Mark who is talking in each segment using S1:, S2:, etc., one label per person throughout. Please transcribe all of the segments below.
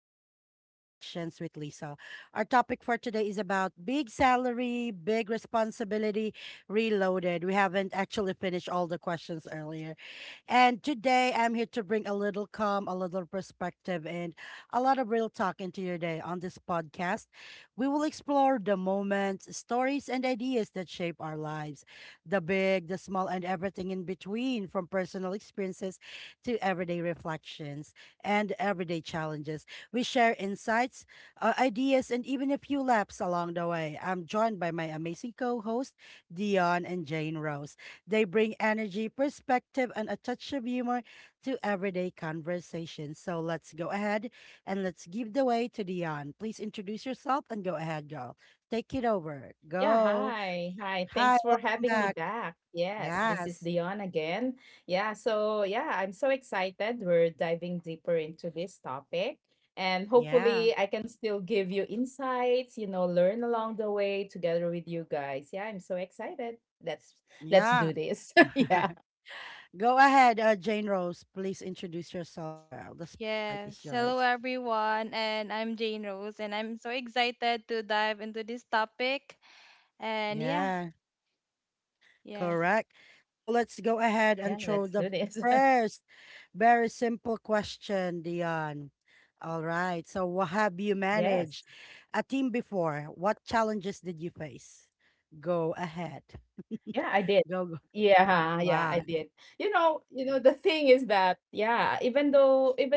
S1: to Everyday Reflections with Lisa. Our topic for today is about big salary, big responsibility, reloaded. We haven't actually finished all the questions earlier. And today I'm here to bring a little calm, a little perspective, and a lot of real talk into your day on this podcast. We will explore the moments, stories, and ideas that shape our lives, the big, the small, and everything in between, from personal experiences to everyday reflections and everyday challenges. We share insights, ideas, and even a few laps along the way. I'm joined by my amazing co host, Dion and Jane Rose. They bring energy, perspective, and a touch of humor to everyday conversations. So let's go ahead and let's give the way to Dion. Please introduce yourself and go ahead, girl. Take it over.
S2: Yeah,
S1: Go.
S2: hi. Hi.
S1: Hi,
S2: Thanks for
S1: welcome
S2: having me
S1: back.
S2: back. Yes, this is
S1: Yes.
S2: Dion again. Yeah, so yeah, I'm so excited. We're diving deeper into this topic. And
S1: Yeah.
S2: hopefully, I can still give you insights, you know, learn along the way together with you guys. Yeah, I'm so excited. Let's let's
S1: Yeah.
S2: do this. Yeah.
S1: Go ahead, Jane Rose. Please introduce yourself, girl. The spotlight is
S3: Yes, hello
S1: yours.
S3: everyone, and I'm Jane Rose, and I'm so excited to dive into this topic. And yeah,
S1: Yeah.
S3: yes.
S1: Correct.
S2: Yeah,
S1: So let's
S2: let's
S1: go
S2: do this.
S1: ahead and throw the first very simple question, Dion. All right. So, what
S2: Yes.
S1: have you managed a team before? What challenges did you face? Go ahead.
S2: Yeah, I did.
S1: Go. Go.
S2: Yeah, yeah, I did.
S1: Wow.
S2: You know, the thing is that, yeah, even though even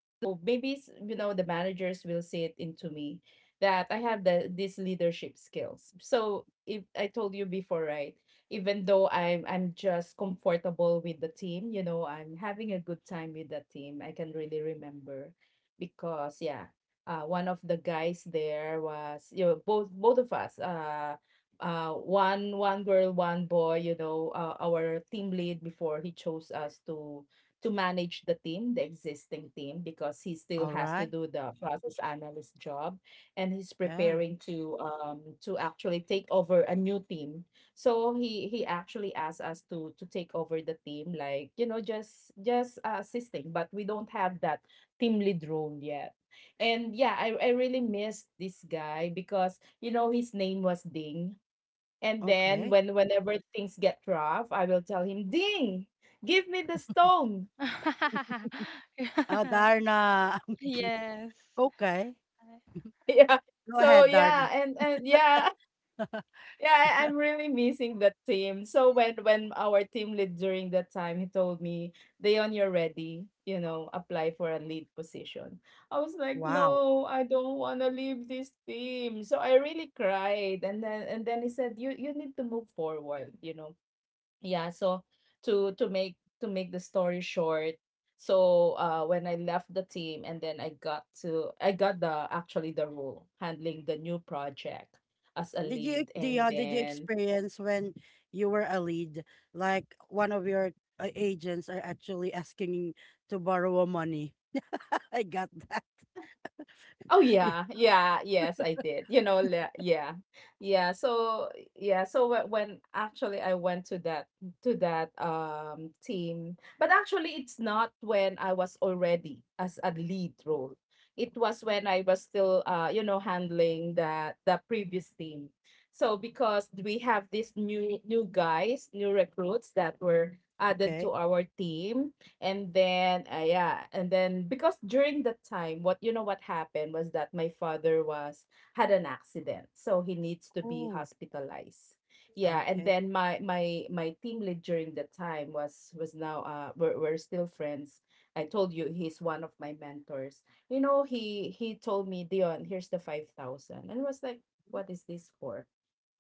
S2: so maybe you know, the managers will see it into me that I have these leadership skills. So if I told you before, right? Even though I'm just comfortable with the team, you know, I'm having a good time with the team. I can really remember because yeah, one of the guys there was, you know, both of us, one girl, one boy, you know. Our team lead before, he chose us to manage the team, the existing team, because he still
S1: All
S2: has to
S1: right.
S2: do the process analyst job, and he's
S1: Yeah.
S2: preparing to actually take over a new team. So he actually asked us to take over the team, like, you know, just assisting, but we don't have that team lead role yet. And yeah, I really missed this guy because, you know, his name was Ding. And then
S1: Okay.
S2: whenever things get rough, I will tell him, "Ding, give me the stone."
S1: Oh, Darna.
S3: Yes,
S1: Okay.
S2: Yeah.
S1: Go
S2: So
S1: ahead, Darna.
S2: yeah, and yeah, yeah, I'm really missing that team. So when our team lead during that time, he told me, "Dayon, you're ready. You know, apply for a lead position." I was like,
S1: Wow.
S2: "No, I don't want to leave this team." So I really cried, and then he said, You need to move forward. You know, yeah, so to make the story short, so when I left the team and then I got to, I got the actually the role handling the new project as a
S1: Did you
S2: lead."
S1: do you,
S2: And
S1: uh, did you
S2: then,
S1: experience when you were a lead, like one of your agents are actually asking to borrow money? I got that.
S2: oh
S1: Yeah.
S2: yeah, yeah, yes, I did. You know, yeah, yeah. So yeah, so when actually I went to that, to that team, but actually it's not when I was already as a lead role. It was when I was still you know, handling the previous team. So because we have these new guys, new recruits that were added to
S1: Okay.
S2: our team. And then, yeah, and then because during that time, what, you know, what happened was that my father was had an accident, so he needs to be
S1: Oh,
S2: hospitalized. Yeah, and
S1: okay.
S2: then my my team lead during that time was now, uh, we're still friends. I told you he's one of my mentors. You know, he told me, "Dion, here's the 5,000," and I was like, "What is this for?"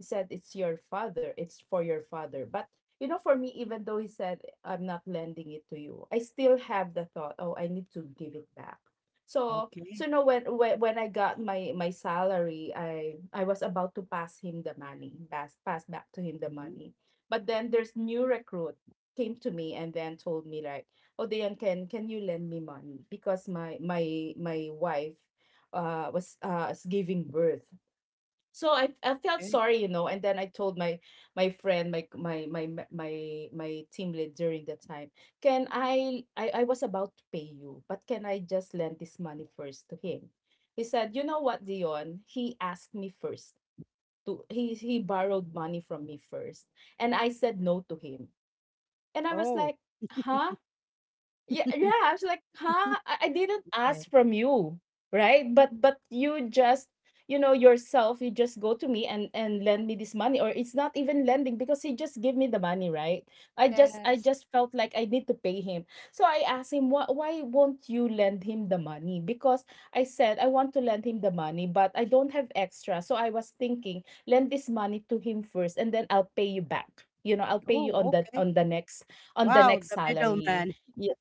S2: He said, "It's your father. It's for your father." But you know, for me, even though he said, "I'm not lending it to you," I still have the thought, oh, I need to give it back. So, so
S1: Okay.
S2: no, when, when I got my, my salary, I was about to pass him the money, pass back to him the
S1: Mhm.
S2: money. But then there's new recruit came to me and then told me like, "Oh, Dayan, can you lend me money? Because my wife was, is giving birth." So I felt
S1: Okay.
S2: sorry, you know, and then I told my my friend, my team lead during that time, "Can I, I was about to pay you, but can I just lend this money first to him?" He said, "You know what, Dion? He asked me first to, he borrowed money from me first, and I said no to him." And I was
S1: Oh,
S2: like, "Huh?" Yeah, yeah. I was like, "Huh? I didn't
S1: okay.
S2: ask from you, right? But you just, you know, yourself, you just go to me and lend me this money, or it's not even lending because he just gave me the money, right? I
S3: yes,
S2: just felt like I need to pay him." So I asked him, "Why won't you lend him the money? Because I said I want to lend him the money, but I don't have extra, so I was thinking lend this money to him first, and then I'll pay you back. You know, I'll pay you on
S1: Oh,
S2: the
S1: okay.
S2: on the
S1: Wow,
S2: next
S1: the
S2: salary."
S1: middleman,
S2: Yeah.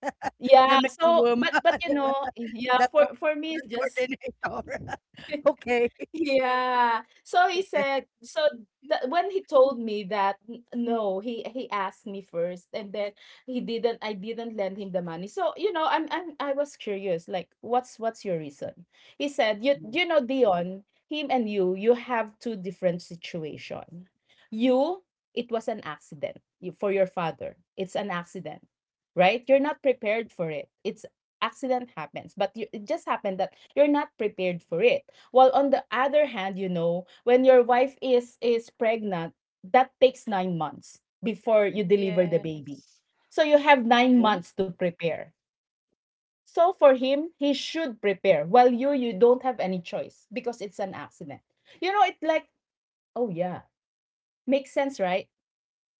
S1: the
S2: Yeah, so
S1: middlewoman,
S2: but, you know, yeah,
S1: the
S2: for me, it's
S1: transaction
S2: just
S1: coordinator. Okay,
S2: yeah. So he
S1: okay.
S2: said, so when he told me that, n- no, he asked me first, and then he didn't, I didn't lend him the money. So you know, I'm I was curious, like, "What's your reason?" He said, you
S1: Mm,
S2: you know, Dion, him and you have two different situation. You, it was an accident. You, for your father, it's an accident, right? You're not prepared for it. It's, accident happens, but you, it just happened that you're not prepared for it. While on the other hand, you know, when your wife is pregnant, that takes 9 months before you deliver the baby.
S3: yes,
S2: So you have 9 months to prepare. So for him, he should prepare. While you don't have any choice because it's an accident." You know, it like, oh yeah, makes sense, right?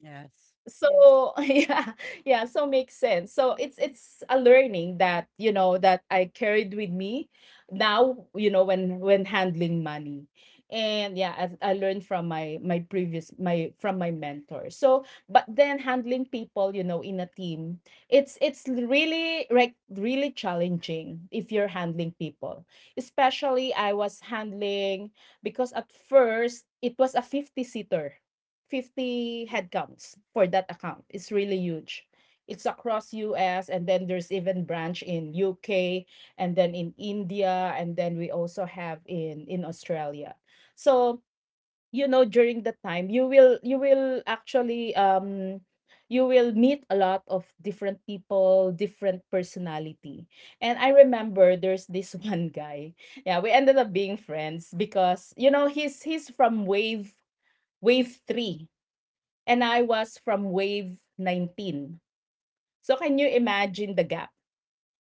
S1: yes.
S2: So
S3: yes,
S2: yeah, yeah, so makes sense. So it's a learning that, you know, that I carried with me now, you know, when handling money. And yeah, I learned from my my previous my from my mentor. So but then handling people, you know, in a team, it's really like really challenging if you're handling people. Especially I was handling, because at first it was a 50 seater, 50 headcounts for that account. It's really huge. It's across US, and then there's even branch in UK and then in India, and then we also have in Australia. So, you know, during the time you will, you will actually you will meet a lot of different people, different personality. And I remember there's this one guy. Yeah, we ended up being friends because, you know, he's from wave 3 and I was from wave 19. So can you imagine the gap,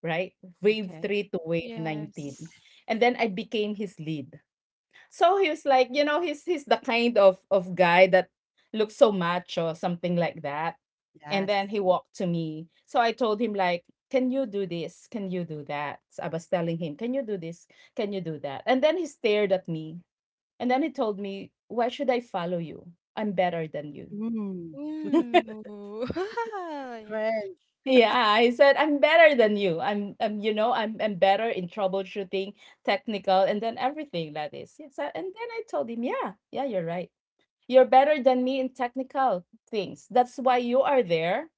S2: right? Wave
S1: Okay.
S2: 3 to wave
S3: yes.
S2: 19. And then I became his lead. So he was like, you know, he's the kind of guy that looks so macho, something like that. And
S1: Yes.
S2: then he walked to me. So I told him like, "Can you do this? Can you do that?" So I was telling him, "Can you do this? Can you do that?" And then he stared at me. And then he told me, "Why should I follow you? I'm better than you."
S1: Mm.
S3: Ooh.
S1: Correct.
S2: Yeah, I said, "I'm better than you. I'm, you know, I'm better in troubleshooting, technical, and then everything that is." Yes, and then I told him, "Yeah, yeah, you're right. You're better than me in technical things. That's why you are there,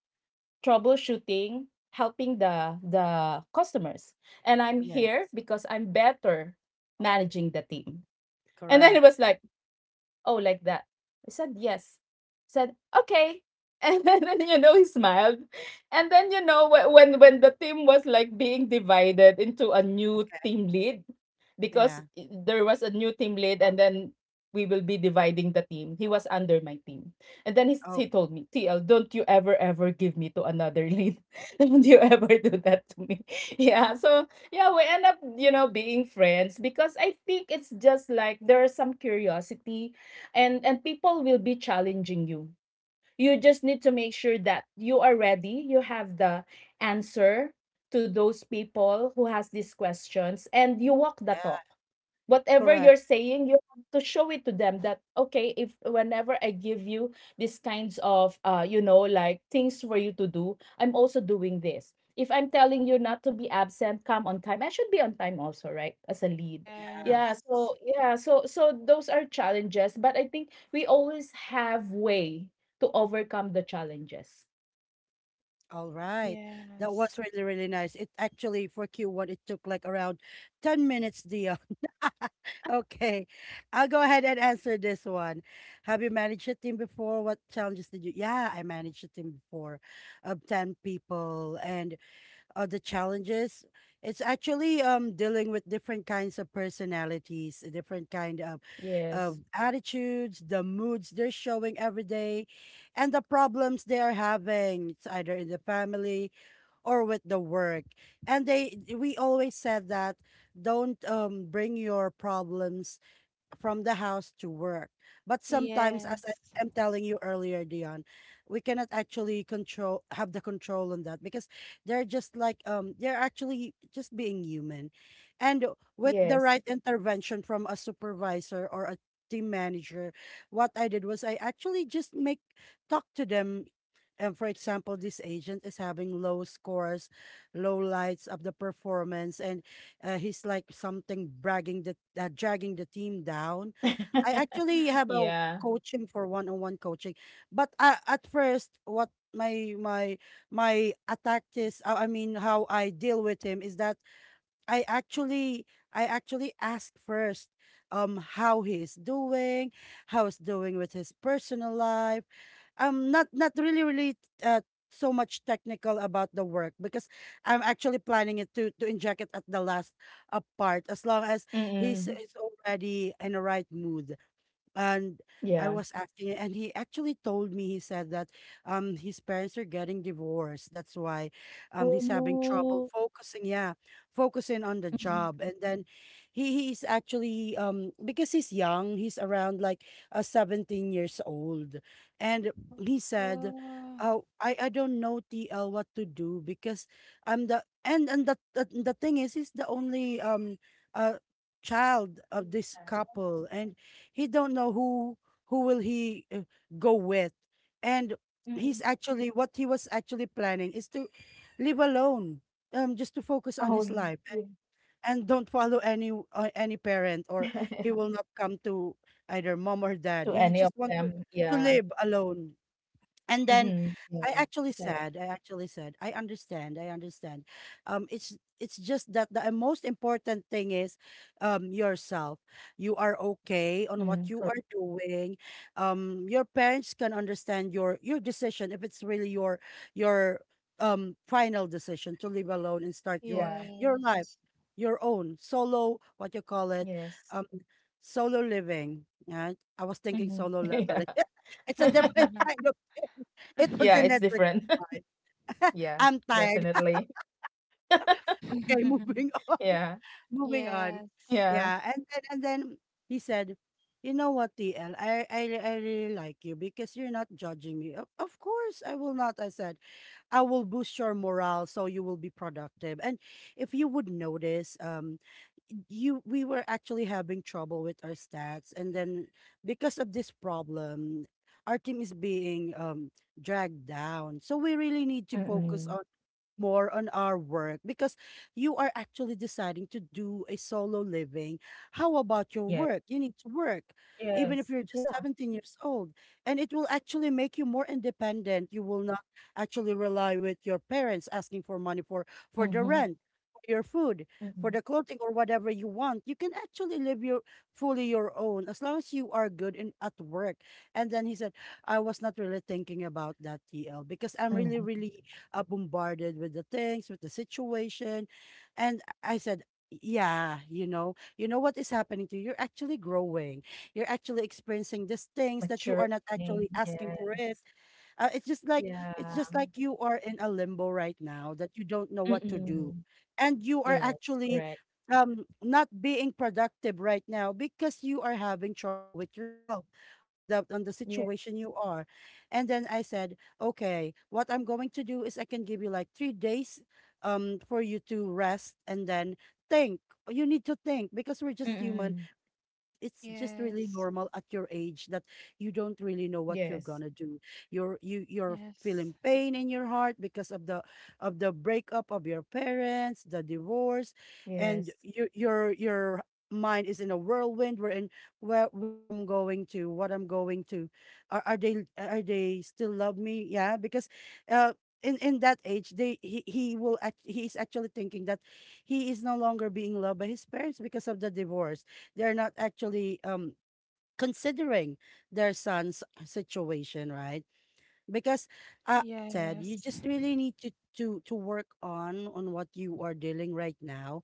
S2: troubleshooting, helping the customers, and I'm
S1: Yeah.
S2: here because I'm better managing the team." And then it
S1: Correct.
S2: was like, "Oh, like that." I said yes. Said okay. And then, you know, he smiled. And then, you know, when the team was like being divided into a new
S1: Okay.
S2: team lead, because
S1: Yeah.
S2: there was a new team lead and then we will be dividing the team. He was under my team. And then he, he
S1: Okay.
S2: told me, "TL, don't you ever give me to another lead. Don't you ever do that to me." Yeah. So yeah, we end up, you know, being friends because I think it's just like there's some curiosity, and people will be challenging you. You just need to make sure that you are ready, you have the answer to those people who has these questions, and you walk the
S1: Yeah.
S2: talk. Whatever
S1: Correct.
S2: you're saying, you have to show it to them that okay, if whenever I give you these kinds of, you know, like things for you to do, I'm also doing this. If I'm telling you not to be absent, come on time. I should be on time also, right? As a lead.
S1: Yeah.
S3: Yes,
S2: Yeah, so yeah, so so those are challenges, but I think we always have way to overcome the challenges.
S1: All right. That
S3: yes,
S1: was really, really nice. It actually for Q1 it took like around 10 minutes, Dion. Okay. I'll go ahead and answer this one. Have you managed a team before? What challenges did you? Yeah, I managed a team before of 10 people, and the challenges, it's actually dealing with different kinds of personalities, different kind
S2: Yes.
S1: of attitudes, the moods they're showing every day and the problems they are having, it's either in the family or with the work. And they we always said that don't bring your problems from the house to work. But sometimes, as I
S3: yes.
S1: am telling you earlier, Dion, we cannot actually control, have the control on that because they're just like, they're actually just being human. And with the
S2: Yes.
S1: right intervention from a supervisor or a team manager, what I did was I actually just make, talk to them. And for example, this agent is having low scores, low lights of the performance, and he's like something bragging the dragging the team down. I actually have a
S2: Yeah.
S1: coaching, for one-on-one coaching, but at first, what my attack is, I mean, how I deal with him is that I actually I actually ask first, how he is doing, how he's doing with his personal life, not really uh, so much technical about the work because I'm actually planning it to inject it at the last part as long as he's
S2: Mm-mm.
S1: is already in the right mood. And
S2: Yeah.
S1: I was asking and he actually told me, he said that his parents are getting divorced. That's why he's having
S2: Oh
S1: trouble focusing, yeah, focusing on the
S2: no.
S1: job. And then he's actually because he's young, he's around like 17 years old. And he said,
S3: Oh,
S1: "Oh, I don't know TL what to do because I'm the, and the thing is he's the only uh child of this couple and he don't know who will he go with. And he's
S2: Mm,
S1: actually, what he was actually planning is to live alone, just to focus on his
S2: own,
S1: life
S2: yeah.
S1: and don't follow any parent. Or he will not come to either mom or dad,
S2: To
S1: he
S2: any
S1: just
S2: of
S1: want
S2: them,
S1: to
S2: yeah.
S1: live alone." And then
S2: Mhm,
S1: I
S2: yeah,
S1: actually
S2: sad.
S1: said, I actually said, "I understand, I understand. It's just that the most important thing is yourself. You are okay on what
S2: Mm,
S1: you
S2: correct.
S1: are doing. Your parents can understand your decision if it's really your final decision to live alone and start
S2: Yeah.
S1: your
S3: yes,
S1: life your own solo, what you call it,
S2: Yes.
S1: um, solo living." Right? I was thinking
S2: Mhm.
S1: solo
S3: yes.
S2: Yeah.
S1: leveling. It's a different kind of thing. It was
S2: Yeah,
S1: in
S2: it's
S1: Netflix.
S2: different.
S1: Fine.
S2: Yeah,
S1: I'm tired.
S2: definitely.
S1: Okay, moving on,
S2: Yeah.
S1: moving on.
S3: Yes,
S2: Yeah.
S1: Yeah, and then he said, "You know what, TL? I really like you because you're not judging me. Of course, I will not." I said, "I will boost your morale so you will be productive." And if you would notice, you we were actually having trouble with our stats, and then because of this problem, our team is being dragged down. So we really need to focus on,
S2: Mm-mm.
S1: more on our work because you are actually deciding to do a solo living. How about your
S2: Yeah.
S1: work? You need to work, even if you're
S2: Yes.
S1: just
S2: Yeah.
S1: 17 years old. And it will actually make you more independent. You will not actually rely with your parents asking for money for the
S2: Mm-hmm.
S1: rent, for your food, for
S2: Mm-hmm.
S1: the clothing or whatever you want. You can actually live your fully your own as long as you are good in, at work. And then he said, "I was not really thinking about that, TL, because I'm really,
S2: Mm-hmm.
S1: really bombarded with the things, with the situation." And I said, "Yeah, you know what is happening to you. You're actually growing. You're actually experiencing these things that you are not actually
S2: Maturing.
S1: asking for it.
S2: Yes.
S1: It's just like, it's
S2: Yeah.
S1: just like you are in a limbo right now that you don't know what to do,
S2: Mm-mm.
S1: and you are
S2: Yes,
S1: actually
S2: correct.
S1: not being productive right now because you are having trouble with yourself on the, on the
S2: Yeah.
S1: situation you are." And then I said, "Okay, what I'm going to do is I can give you like 3 days for you to rest and then think. You need to think because we're just human,
S2: Mm-mm.
S1: it's just really
S3: yes,
S1: normal at your age that you don't really know what you're
S2: Yes.
S1: gonna do. You're, you you're
S3: yes,
S1: feeling pain in your heart because of the, of the breakup of your parents, the divorce,
S2: Yes.
S1: and your mind is in a whirlwind. We're in, where I'm going to, what I'm going to. Are they, are they still love me?" Yeah, because uh in that age they he will act, he is actually thinking that he is no longer being loved by his parents because of the divorce, they're not actually considering their son's situation, right? Because I said, "You
S3: yes,
S1: just really need to work on what you are dealing right now.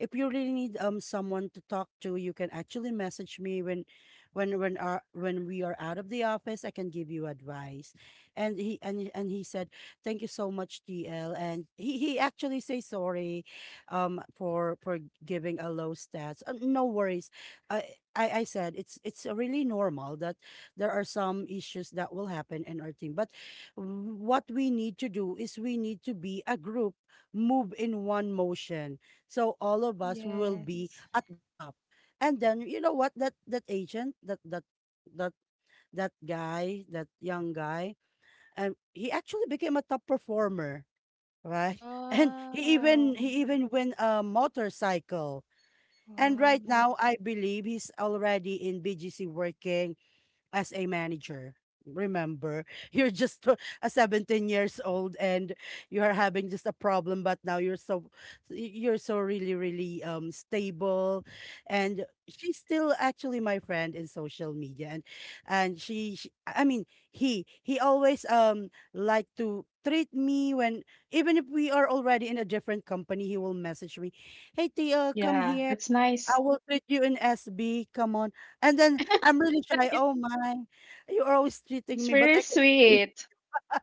S1: If you really need someone to talk to, you can actually message me when our, when we are out of the office, I can give you advice." And he, and he said, "Thank you so much, TL." And he actually say sorry for giving a low stats. No worries. I said, It's really normal that there are some issues that will happen in our team. But what we need to do is we need to be a group, move in one motion. So all of us will be
S3: yes.
S1: at the top." And then you know what, that that agent, that that, that that guy, that young guy, he actually became a top performer, right? And he even,
S3: Wow,
S1: he even win a motorcycle. And right
S3: wow,
S1: now I believe he's already in BGC working as a manager. Remember, you're just a 17 years old and you are having just a problem, but now you're so, you're so really, really stable. And she's still actually my friend in social media. And she, I mean, he always like to treat me, when even if we are already in a different company, he will message me, "Hey Tia, come
S2: Yeah,
S1: here.
S2: that's nice.
S1: I will treat you in SB. Come on." And then I'm really shy.
S2: It
S1: "Oh my, you're always treating
S2: it's
S1: me, but
S2: very
S1: I can treat-
S2: sweet.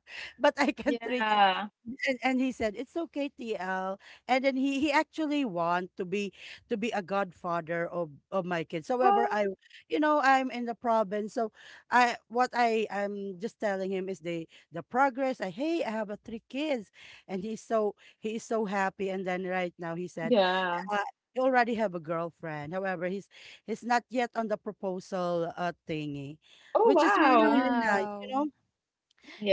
S1: but I can treat you."
S2: Yeah.
S1: And he said, "It's okay, TL." And then he actually want to be, to be a godfather of my kids. However,
S2: Oh,
S1: I, you know, I'm in the province. So I, what I am just telling him is the progress. I, hey, I have a three kids. And he's so, he is so happy. And then right now he said,
S2: yeah.
S1: uh, he already have a girlfriend. However, he's not yet on the proposal thingy,
S2: Oh,
S1: which is really
S2: wow.
S1: really nice. You
S3: wow.
S1: know,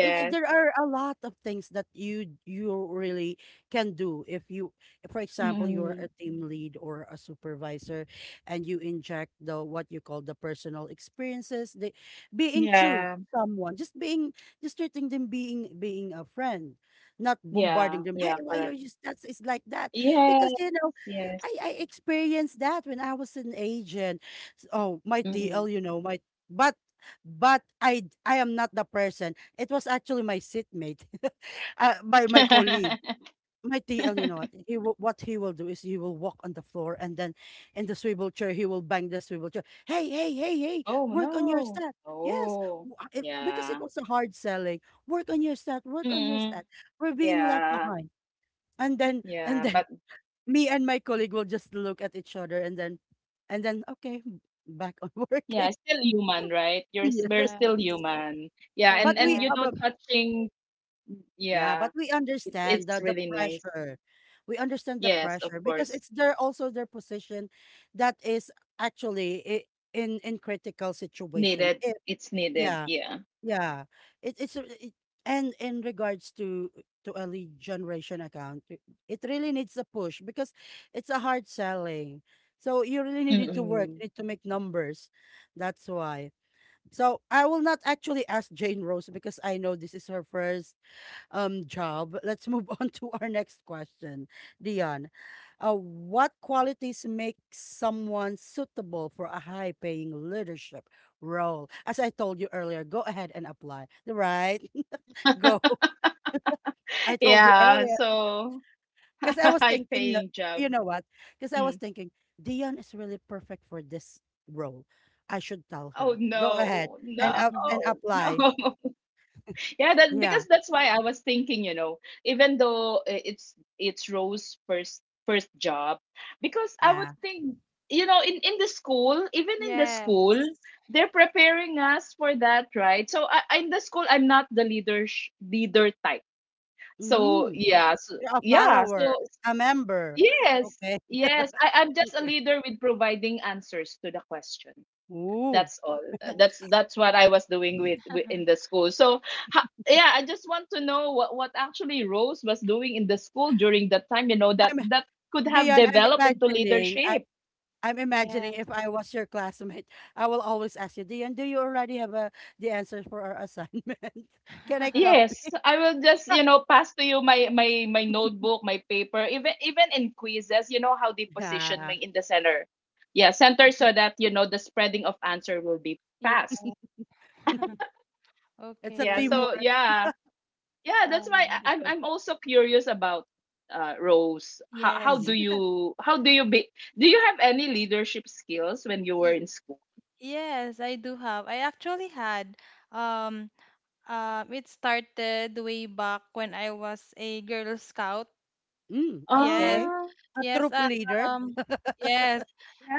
S1: there are a lot of things that you really can do. If you, for example, you're
S2: Mm-mm.
S1: a team lead or a supervisor, and you inject the, what you call, the personal experiences, the being true
S2: Yeah.
S1: to someone, just being, just treating them, being a friend, not bombarding
S2: Yeah.
S1: them, hey,
S2: Yeah.
S1: why are
S2: Correct.
S1: you, that's, it's like that. Because
S2: Yes.
S1: you know,
S2: Yes.
S1: I experienced that when I was an agent. Oh, my tl,
S2: Mm-mm.
S1: you know my, but but I am not the person. It was actually my seatmate, my colleague, my TL. You know what what he will do is he will walk on the floor, and then in the swivel chair he will bang the swivel chair. Hey, hey, hey, hey,
S2: Oh,
S1: work on your
S2: no.
S1: stat. Yes,
S2: Oh,
S1: because it
S2: yeah.
S1: was a hard selling. Work on your stat. Work on your
S2: Mm-mm.
S1: stat. We're being left
S2: Yeah.
S1: behind. And then and
S2: Yeah.
S1: then
S2: But
S1: me and my colleague will just look at each other, and then okay, back on working.
S2: yeah, still human, right? We're
S1: Yes,
S2: still
S3: Yes,
S2: human. Yeah.
S1: but
S2: And
S1: we
S2: and
S1: uh,
S3: correct.
S1: but
S2: touching.
S1: yeah,
S2: Yeah.
S1: but we
S2: It's
S1: understand the
S2: it's
S1: the
S2: really nice.
S1: pressure. We understand the
S2: Yes, of
S1: pressure because
S2: course.
S1: it's their, also their position that is actually, in critical situation.
S2: Needed.
S1: If
S2: It's needed.
S1: Yeah,
S2: Yeah.
S1: yeah, it, it's a- it, and in regards to a lead generation account, it really needs a push because it's a hard selling. So you really need to work.
S2: Mm-mm.
S1: You need to make numbers. That's why. So I will not actually ask Jane Rose, because I know this is her first job. Let's move on to our next question, Dion. What qualities make someone suitable for a high-paying leadership role? As I told you earlier, go ahead and apply. Right? Go. I told you
S2: Yeah.
S1: earlier,
S2: So
S1: because I was
S2: high
S1: thinking.
S2: paying job.
S1: You know what? Because I was
S2: Mm.
S1: thinking, Dion is really perfect for this role. I should tell
S2: Oh
S1: her, go ahead
S2: no,
S1: and
S2: no,
S1: up and apply.
S2: no. Yeah, that
S1: Yeah.
S2: because that's why I was thinking, even though it's Rose's first job, because I would
S1: Yeah.
S2: think, in the school, even in the school,
S3: Yes,
S2: they're preparing us for that, right? So in the school, I'm not the leader type. So
S1: Mm,
S2: yeah, so
S1: you're a
S2: yeah,
S1: follower,
S2: so,
S1: a member.
S2: yes,
S1: Okay.
S2: yes. I'm just a
S1: Okay.
S2: leader with providing answers to the question.
S1: Ooh.
S2: That's all.
S3: yes,
S2: That's what I was doing with in the school. So yeah, I just want to know what actually Rose was doing in the school during that time. You know that
S1: I'm
S2: that could have
S1: Dion, I'm
S2: developed into
S1: imagining, I'm
S2: leadership.
S1: I'm imagining
S3: yes.
S1: if I was your classmate, I will always ask you, Dion, do you already have the answers for our assignment? Can I copy?
S2: Yes, I will just pass to you my notebook, my paper, even in quizzes. You know how they position me
S1: Yeah,
S2: in the center. Yeah, center so that you know the spreading of answer will be
S3: Ye-
S2: fast.
S1: it's a
S2: Yeah.
S3: Okay.
S2: So
S1: teamwork.
S2: yeah, yeah. That's why
S3: Um,
S2: I- I'm I'm also curious about Rose.
S3: yes.
S1: Hmm.
S2: How do you be do you have any leadership skills when you were
S3: Y-
S2: in school?
S3: Yes, I do have. I actually had um Um, it started way back when I was a Girl Scout.
S1: Mm,
S2: Oh
S3: Yes,
S1: okay. A
S3: yes.
S1: troop leader.
S3: Um, yes.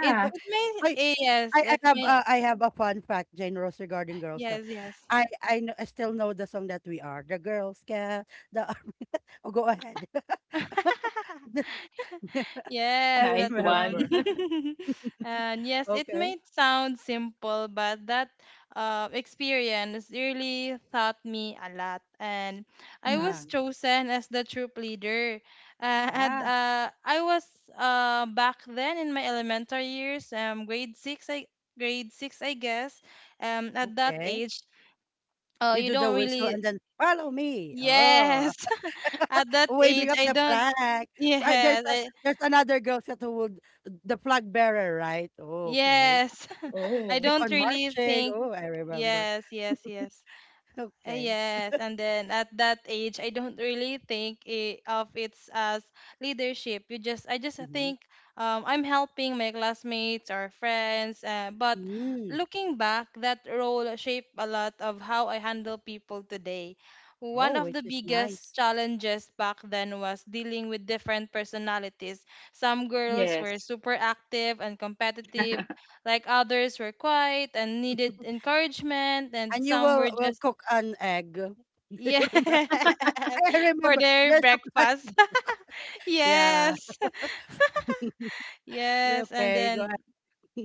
S3: It it may
S1: I
S3: yes. It may
S1: I have a fun fact, Jane Rose, regarding Girl Scout.
S3: yes yes.
S1: I still know the song that we are the Girl Scout. The Oh, go ahead.
S3: Yes,
S1: I
S2: nice
S3: that one.
S2: one.
S1: remember.
S3: And yes, it
S1: Okay.
S3: may sound simple, but that experience really taught me a lot. And I was
S1: Ah,
S2: Hmm.
S3: chosen as the troop leader. And
S1: yeah.
S3: I was back then in my elementary years, um, grade six, I guess. At that
S1: Okay.
S3: age,
S1: You
S3: you
S1: do the
S3: don't
S1: whistle
S3: really.
S1: and then follow me. Oh,
S3: Yes, at that
S1: waving
S3: age,
S1: up
S3: I
S1: the
S3: don't.
S1: flag. There's
S3: Yes, I,
S1: there's another girl that would the flag bearer, right? Okay.
S3: Yes. I
S2: Oh
S1: Keep
S3: don't
S1: on
S3: really
S1: marching.
S3: think
S1: Oh, I remember.
S3: yes, yes, yes.
S1: Okay.
S3: Yes, and then at that age, I don't really think I of it's as leadership. I just
S1: Mm-hmm.
S3: think I'm helping my classmates or friends. But
S1: Mm.
S3: looking back, that role shaped a lot of how I handle people today.
S1: Oh,
S3: One of the
S1: which is
S3: biggest
S1: nice.
S3: challenges back then was dealing with different personalities. Some girls were
S2: yes.
S3: super active and competitive, like others were quiet and needed encouragement, and
S1: And you
S3: some
S1: will
S3: were
S1: will
S3: just
S1: cook an egg. Do you
S3: Yes,
S1: remember? I
S3: for
S1: remember,
S3: their
S1: there's a plant.
S3: breakfast.
S1: Yeah.
S3: Yes, yes, and
S1: Okay, go
S3: then
S1: ahead.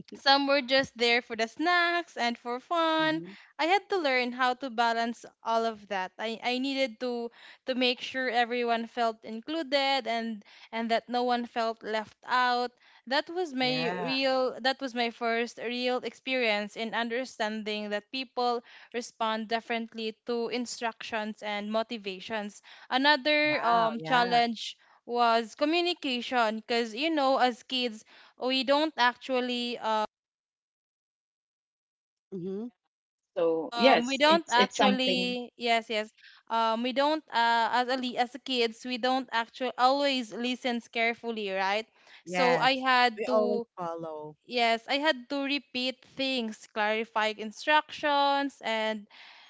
S3: some were just there for the snacks and for fun.
S1: Hmm.
S3: I had to learn how to balance all of that. I needed to make sure everyone felt included and that no one felt left out. That was my
S1: Yeah.
S3: real that was my first real experience in understanding that people respond differently to instructions and motivations. Another
S1: Wow. Yeah.
S3: challenge was communication because you know as kids we don't actually uh
S1: Hmm.
S2: So yes,
S3: Um, we
S2: it's
S3: don't
S2: it's something.
S3: actually, yes, yes. We don't, as a as a kids, we don't actually always listen carefully, right? So I
S1: Yes.
S3: had
S1: We always
S3: to
S1: follow.
S3: yes, I had to repeat things, clarify instructions, and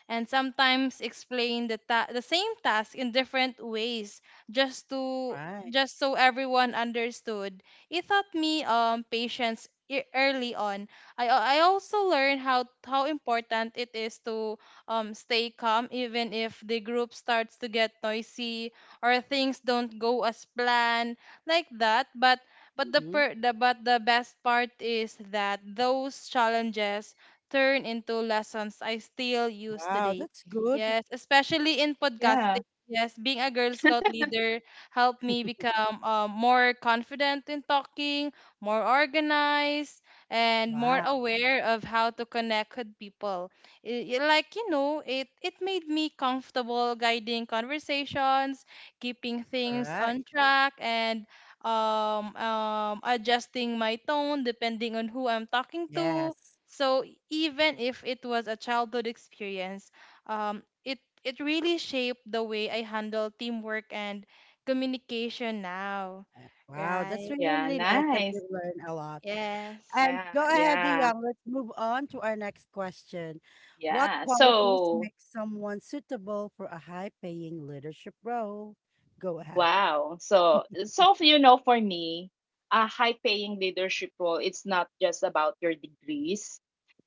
S3: sometimes explain the same task in different ways just to
S1: Right.
S3: just so everyone understood. It taught me patience early on. I also learned how important it is to stay calm even if the group starts to get noisy or things don't go as planned like that. But but the,
S1: Hmm.
S3: per- the but the best part is that those challenges turn into lessons I still use
S1: Wow.
S3: today.
S1: That's good.
S3: Yes, especially in
S2: Yeah.
S3: podcasting. Yes, being a Girl Scout leader helped me become more confident in talking, more organized, and more
S1: Wow.
S3: aware of how to connect with people. Like you know, it made me comfortable guiding conversations, keeping things on
S1: Correct.
S3: track, and adjusting my tone depending on who I'm talking to.
S1: Yes.
S3: So even if it was a childhood experience, it it really shaped the way I handle teamwork and communication now,
S1: Wow, that's
S3: right?
S1: really,
S2: Yeah.
S1: really nice that you
S2: Nice.
S1: learn a lot.
S3: Yes,
S1: And go
S2: Yeah.
S1: ahead,
S2: Yeah.
S1: Dion. Let's move on to our next question. What
S2: Yeah.
S1: qualities
S2: So
S1: make someone suitable for a high-paying leadership role? Go ahead.
S2: wow. For me, a high paying leadership role, it's not just about your degrees,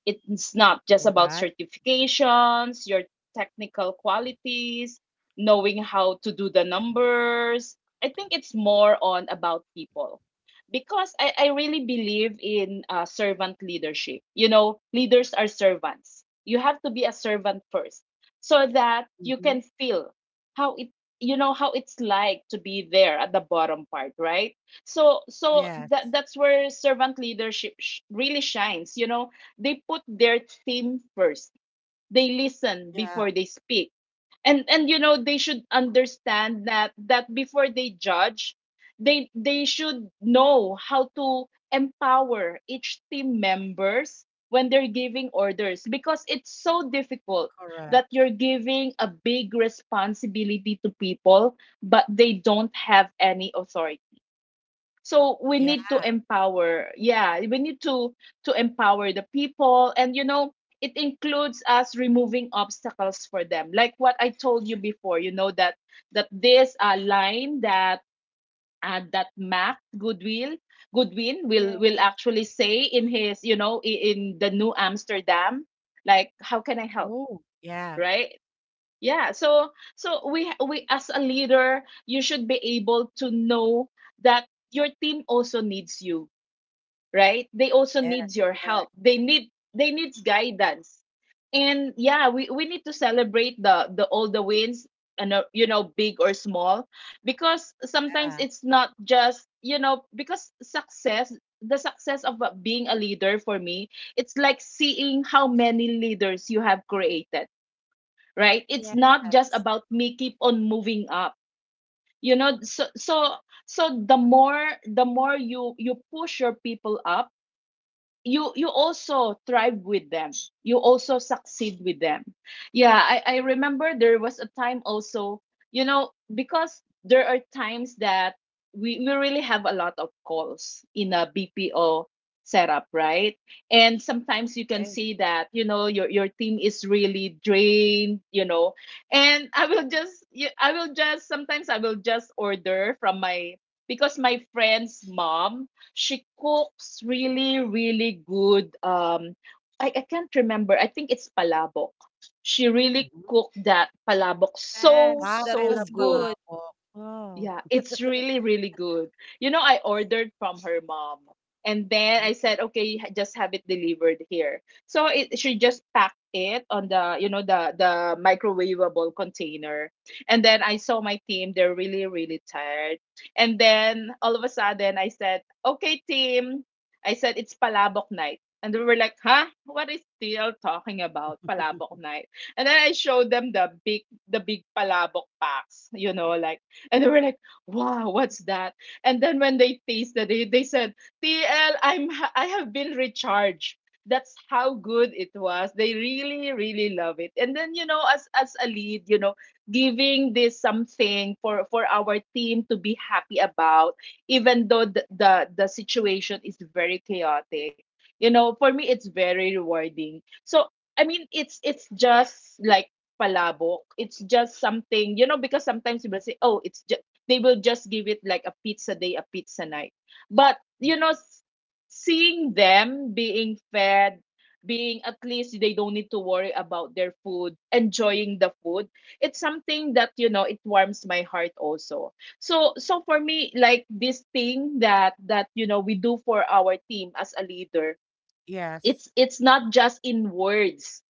S2: it's not just
S1: All
S2: about
S1: right.
S2: certifications, your technical qualities, knowing how to do the numbers. I think it's more on about people, because I really believe in servant leadership. You know, leaders are servants. You have to be a servant first so that you
S1: Mm-hmm.
S2: can feel how it you know how it's like to be there at the bottom part, right? So that
S1: Yes.
S2: that's where servant leadership really shines, you know. They put their team first, they listen
S1: Yeah.
S2: before they speak, and they should understand that, that before they judge, they should know how to empower each team members when they're giving orders, because it's so difficult that
S1: Correct.
S2: you're giving a big responsibility to people, but they don't have any authority. So we
S1: Yeah.
S2: need to empower, yeah, we need to empower the people. And you know it includes us removing obstacles for them, like what I told you before. That that this line that that Mac goodwill goodwin will
S3: yes,
S2: actually say in his, in the New Amsterdam, like, how can I help,
S1: Oh, yeah.
S2: right? Yeah, so so we as a leader, you should be able to know that your team also needs you, right? They also needs
S1: Yes.
S2: your help,
S1: Correct.
S2: they needs guidance. And yeah, we need to celebrate the all the wins, and you know, big or small, because sometimes
S1: Yeah.
S2: it's not just, because success, the success of being a leader, for me, it's like seeing how many leaders you have created, right? It's
S3: yes,
S1: Yes.
S2: not just about me keep on moving up, you know so so so the more you push your people up, you also thrive with them, you also succeed with them. Yeah, I remember there was a time also, because there are times that we really have a lot of calls in a BPO setup, right? And sometimes you can
S1: Okay.
S2: see that, your team is really drained, you know. And I will just y- I will just sometimes I will just order from my, because my friend's mom, she cooks really, really good. I can't remember. I think it's palabok. She really
S1: Mhm.
S2: cooked that palabok so,
S3: yes.
S1: Wow,
S3: That
S1: I
S3: was
S2: so
S1: love
S2: good.
S3: good.
S1: palabok. Wow.
S2: Yeah, it's really, really good. You know, I ordered from her mom. And then I said, okay, just have it delivered here. So she just packed it on the, the microwavable container. And then I saw my team; they're really, really tired. And then all of a sudden, I said, okay, team. I said it's Palabok night, and they were like, huh? What is still talking about Palabok night? And then I showed them the big, Palabok packs. You know, like, and they were like, wow, what's that? And then when they tasted it, they said, TL, I have been recharged. That's how good it was. They really, really love it. And then, as a lead, giving this something for our team to be happy about, even though the situation is very chaotic. You know, for me, it's very rewarding. So I mean, it's just like palabok. It's just something, because sometimes people say, oh, it's just, they will just give it like a pizza day, a pizza night. But, seeing them being fed, being at least they don't need to worry about their food, enjoying the food, it's something that, it warms my heart also. so, for me, like this thing that we do for our team as a leader, it's
S1: Yes.
S2: it's not just in words,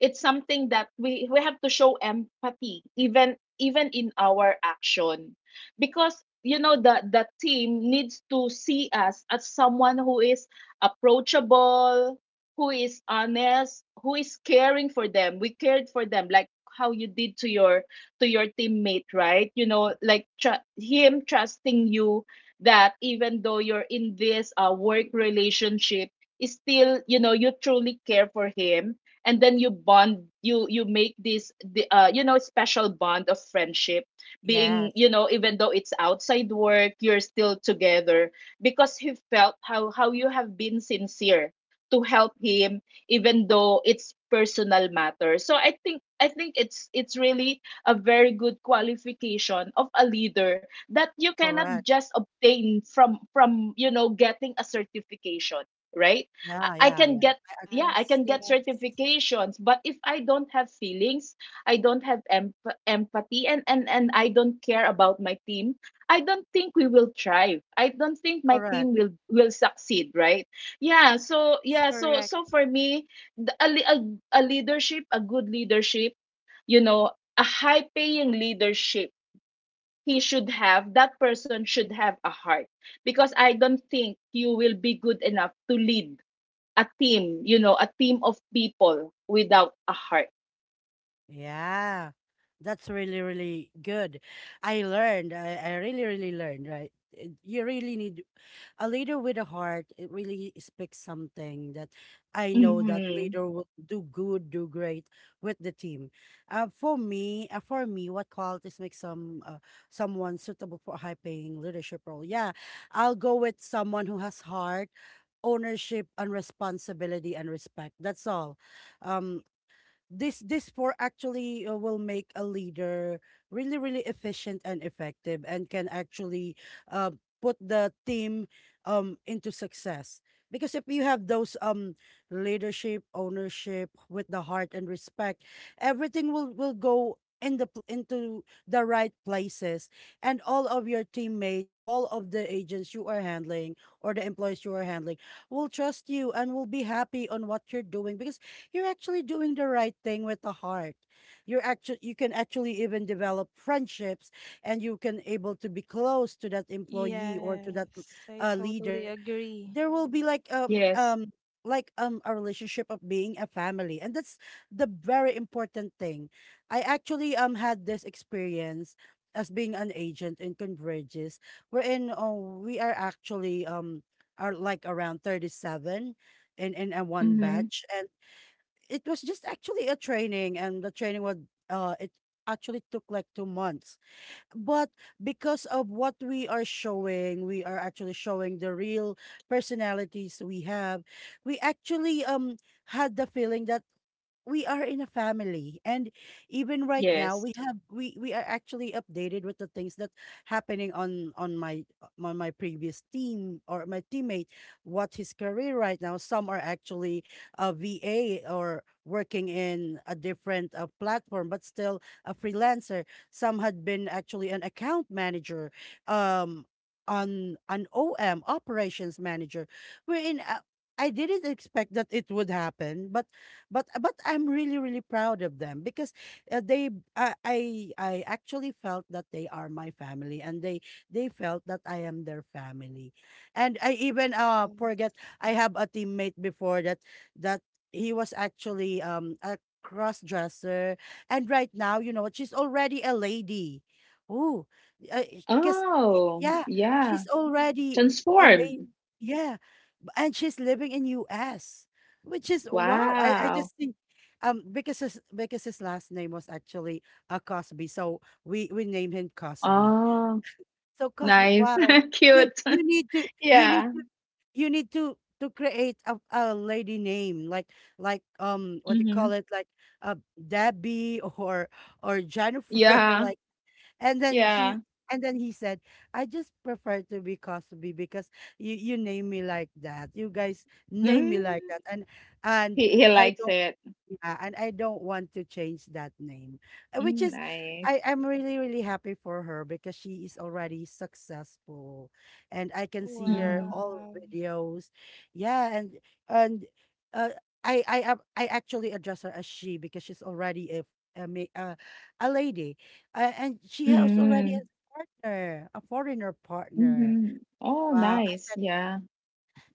S2: it's something that we have to show empathy, even in our action, because the team needs to see us as someone who is approachable, who is honest, who is caring for them. We cared for them like how you did to your teammate, right? You know, like him trusting you, that even though you're in this work relationship, is still, you truly care for him, and then you make this the, you know special bond of friendship, being,
S1: Yes.
S2: even though it's outside work, you're still together, because he felt how you have been sincere to help him, even though it's personal matter. So I think it's really a very good qualification of a leader, that you cannot
S1: Correct.
S2: just obtain from getting a certification, right? i
S1: Yeah,
S2: I
S1: yeah,
S2: can
S1: yeah,
S2: get
S1: I agree.
S2: yeah i
S3: Yes,
S2: can get
S3: yes,
S2: certifications, but if I don't have feelings, I don't have empathy, and I don't care about my team, I don't think we will thrive, I don't think my
S1: Correct.
S2: team will succeed, right? Yeah, so
S3: that's
S2: yeah, so
S3: correct.
S2: so for me, the, a, li- a leadership a good leadership, you know a high paying leadership, he should have that person should have a heart, because I don't think you will be good enough to lead a team, a team of people without a heart.
S1: Yeah. That's really, really good. I learned. I really, really learned, right? You really need a leader with a heart. It really speaks something that I know that
S2: Mm-hmm.
S1: leader will do good, do great with the team. For me, what qualities make someone suitable for a high-paying leadership role? Yeah, I'll go with someone who has heart, ownership and responsibility and respect. That's all. Um, this four actually will make a leader really, really efficient and effective, and can actually uh, put the team into success, because if you have those leadership ownership with the heart and respect, everything will go in the into the right places, and all of your teammates, all of the agents you are handling or the employees you are handling, will trust you and will be happy on what you're doing, because you're actually doing the right thing with the heart. You can actually even develop friendships, and you can able to be close to that employee or to that
S3: Yes, I totally
S1: leader.
S3: agree.
S1: There will be like
S2: Yes.
S1: a relationship of being a family, and that's the very important thing. I actually had this experience as being an agent in Converges, wherein, oh, we are actually are like around 37 in a one
S2: Mm-hmm.
S1: batch. It was just actually a training, and the training was it actually took like 2 months. But because of what we are actually showing the real personalities we have. We actually had the feeling that we are in a family, and even right now,
S2: Yes.
S1: we have we are actually updated with the things that happening on my previous team or my teammate, what his career right now. Some are actually a va or working in a different platform, but still a freelancer. Some had been actually an account manager, um on an om operations manager, wherein, I didn't expect that it would happen, but I'm really, really proud of them, because they I, I I actually felt that they are my family, and they felt that I am their family, and I even
S3: Yeah.
S1: forget. I have a teammate before that he was actually a cross dresser, and right now, you know, she's already a lady. Oh, because,
S2: Oh,
S1: yeah,
S2: yeah.
S1: she's already a
S2: Transformed.
S1: lady, yeah, and she's living in us, which is wow. I
S2: Wow.
S1: just think, because his last name was actually Cosby. So we named him Cosby.
S2: Oh,
S1: So Cosby,
S2: nice.
S1: wow. You
S2: Cute.
S1: you need to you need
S2: yeah.
S1: to you need to create a lady name, like what you
S2: Mm-hmm.
S1: call it like uh Debbie, or Jennifer,
S2: Yeah.
S1: like. and then she
S2: Yeah.
S1: and then he said, I just prefer to be Cosby, because you name me like that. You guys name me like
S2: Mm.
S1: that. And
S2: He
S1: I
S2: likes
S1: don't,
S2: it.
S1: and I don't want to change that name. Uh, which
S2: Mm,
S1: is,
S2: nice.
S1: I'm really, really happy for her, because she is already successful, and I can see her
S2: Mm-hmm.
S1: all
S3: Wow.
S1: videos, yeah, and uh, I actually address her as she, because she's already a, ma- uh, a lady, and she has already a
S2: Mm-hmm.
S1: partner, a foreigner partner.
S2: Mm-hmm. Oh,
S1: Wow, I
S2: nice.
S1: said
S2: Yeah.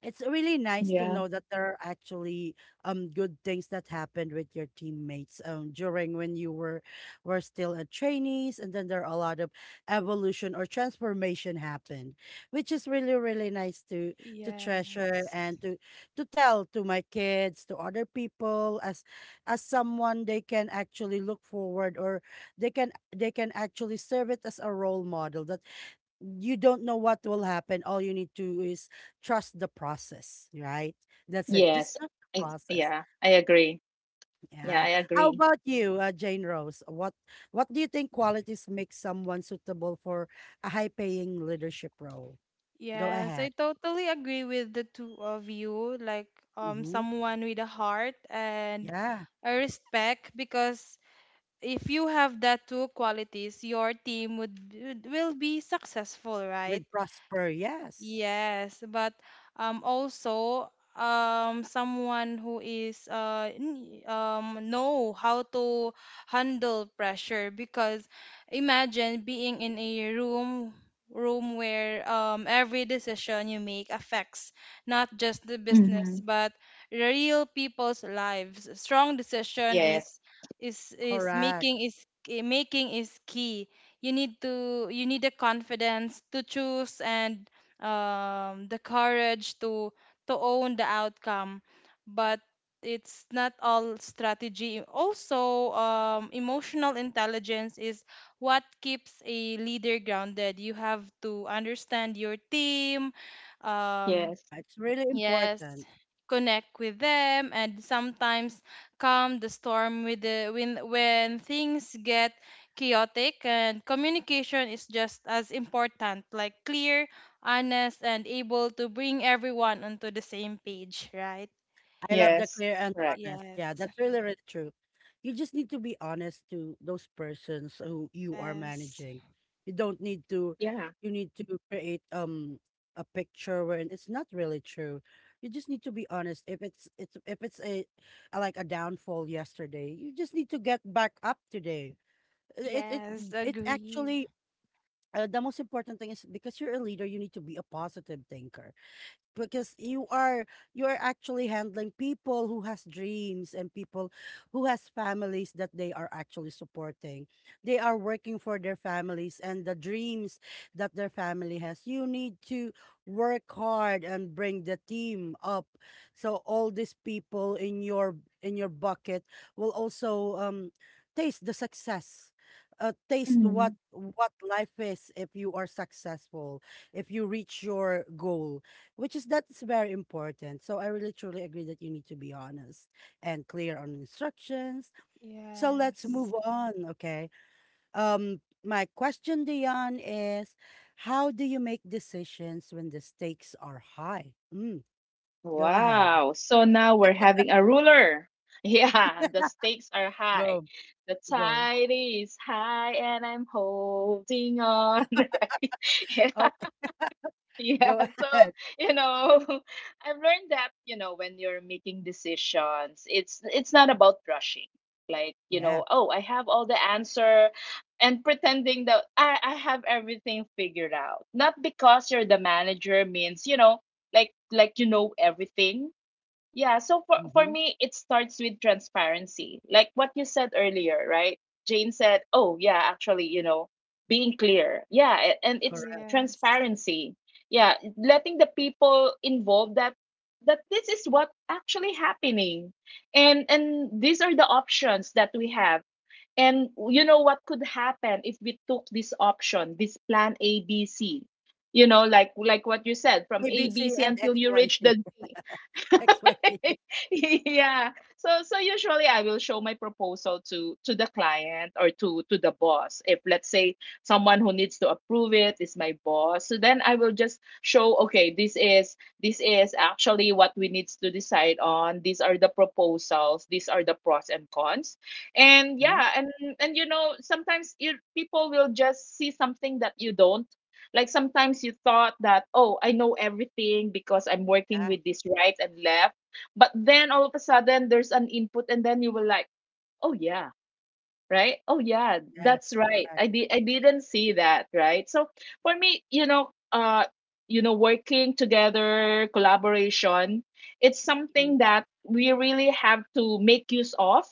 S1: it's really nice to
S2: Yeah.
S1: know that there are actually good things that happened with your teammates during when you were still a trainees, and then there are a lot of evolution or transformation happened, which is really, really nice to treasure
S3: Yes.
S1: and to tell to my kids, to other people as someone they can actually look forward, or they can actually serve it as a role model, that you don't know what will happen. All you need to is trust the process, right? That's it. Just
S2: Yes.
S1: trust the process.
S2: Yeah, I agree. Yeah,
S1: Yeah.
S2: I
S1: How
S2: agree.
S1: about you, Jane Rose? What do you think qualities make someone suitable for a high-paying leadership role? Go
S3: Yes, I
S1: ahead.
S3: totally agree with the two of you. Like,
S1: Hmm.
S3: someone with a heart and
S1: Yeah.
S3: a respect, because if you have that two qualities, your team would will be successful, right?
S1: With Prosper, yes.
S3: Yes, but also someone who is know how to handle pressure because imagine being in a room where every decision you make affects not just the business
S2: Mm-hmm.
S3: but real people's lives. Strong decision
S2: Yes,
S3: is
S1: Correct.
S3: making is Making is key. You need to you need the confidence to choose and the courage to own the outcome, but it's not all strategy. Also emotional intelligence is what keeps a leader grounded. You have to understand your team, um,
S2: yes,
S1: Yeah, it's really
S3: Yes,
S1: important.
S3: connect with them, and sometimes calm the storm with the when things get chaotic. And communication is just as important, like clear, honest and able to bring everyone onto the same page, right?
S1: I love the
S2: yes.
S1: clear and
S2: Correct.
S1: honest. Yeah,
S3: Yes.
S1: that's really, really true. You just need to be honest to those persons who you are
S3: Yes.
S1: managing. You don't need to.
S2: Yeah.
S1: You need to create a picture where it's not really true. You just need to be honest. If it's it's if it's a like a downfall yesterday, you just need to get back up today. It it
S3: Yes,
S1: it
S3: agree.
S1: actually The most important thing is, because you're a leader, you need to be a positive thinker, because you are actually handling people who has dreams, and people who has families that they are actually supporting. They are working for their families and the dreams that their family has. You need to work hard and bring the team up, so all these people in your bucket will also taste the success, taste
S2: Mm.
S1: what life is if you are successful, if you reach your goal, which is that's very important. So I really truly agree that you need to be honest and clear on instructions. So let's move
S3: Yes.
S1: on, okay? My question, Dion, is how do you make decisions when the stakes are high? Go ahead.
S2: Wow. So now we're having a ruler. Yeah, the stakes are high.
S1: Go.
S2: The
S1: Go.
S2: tide is high and I'm holding on, right?
S1: Okay,
S2: Yeah,
S1: go
S2: so,
S1: ahead.
S2: you know, I've learned that when you're making decisions, it's not about rushing. Like,
S1: Yeah.
S2: oh, I have all the answer, and pretending that I have everything figured out. Not because you're the manager means, like you know everything. Yeah, so for
S1: Mhm.
S2: me it starts with transparency. Like what you said earlier, right? Jane said, "Oh, yeah, actually, you know, being clear." Yeah, and it's
S1: Correct.
S3: Yes.
S2: transparency. Yeah, letting the people involved that this is what actually happening. And these are the options that we have. And you know what could happen if we took this option, this plan ABC. You know, like what you said, from A B
S1: ABC
S2: C
S1: and
S2: until
S1: X
S2: you
S1: Y
S2: reach
S1: C.
S2: the
S1: XYC.
S2: yeah, so so usually I will show my proposal to the client or to the boss, if let's say someone who needs to approve it is my boss. So then I will just show, okay, this is actually what we needs to decide on, these are the proposals, these are the pros and cons. And
S1: Mhm.
S2: yeah, and sometimes you, people will just see something that you don't, like sometimes you thought that, oh, I know everything because I'm working
S1: Yeah.
S2: with this right and left, but then all of a sudden there's an input and then you were like, oh yeah, right? Oh yeah, that's
S1: Yes,
S2: right.
S1: correct.
S2: I didn't see that, right? So for me, working together, collaboration, it's
S1: Mhm.
S2: something that we really have to make use of.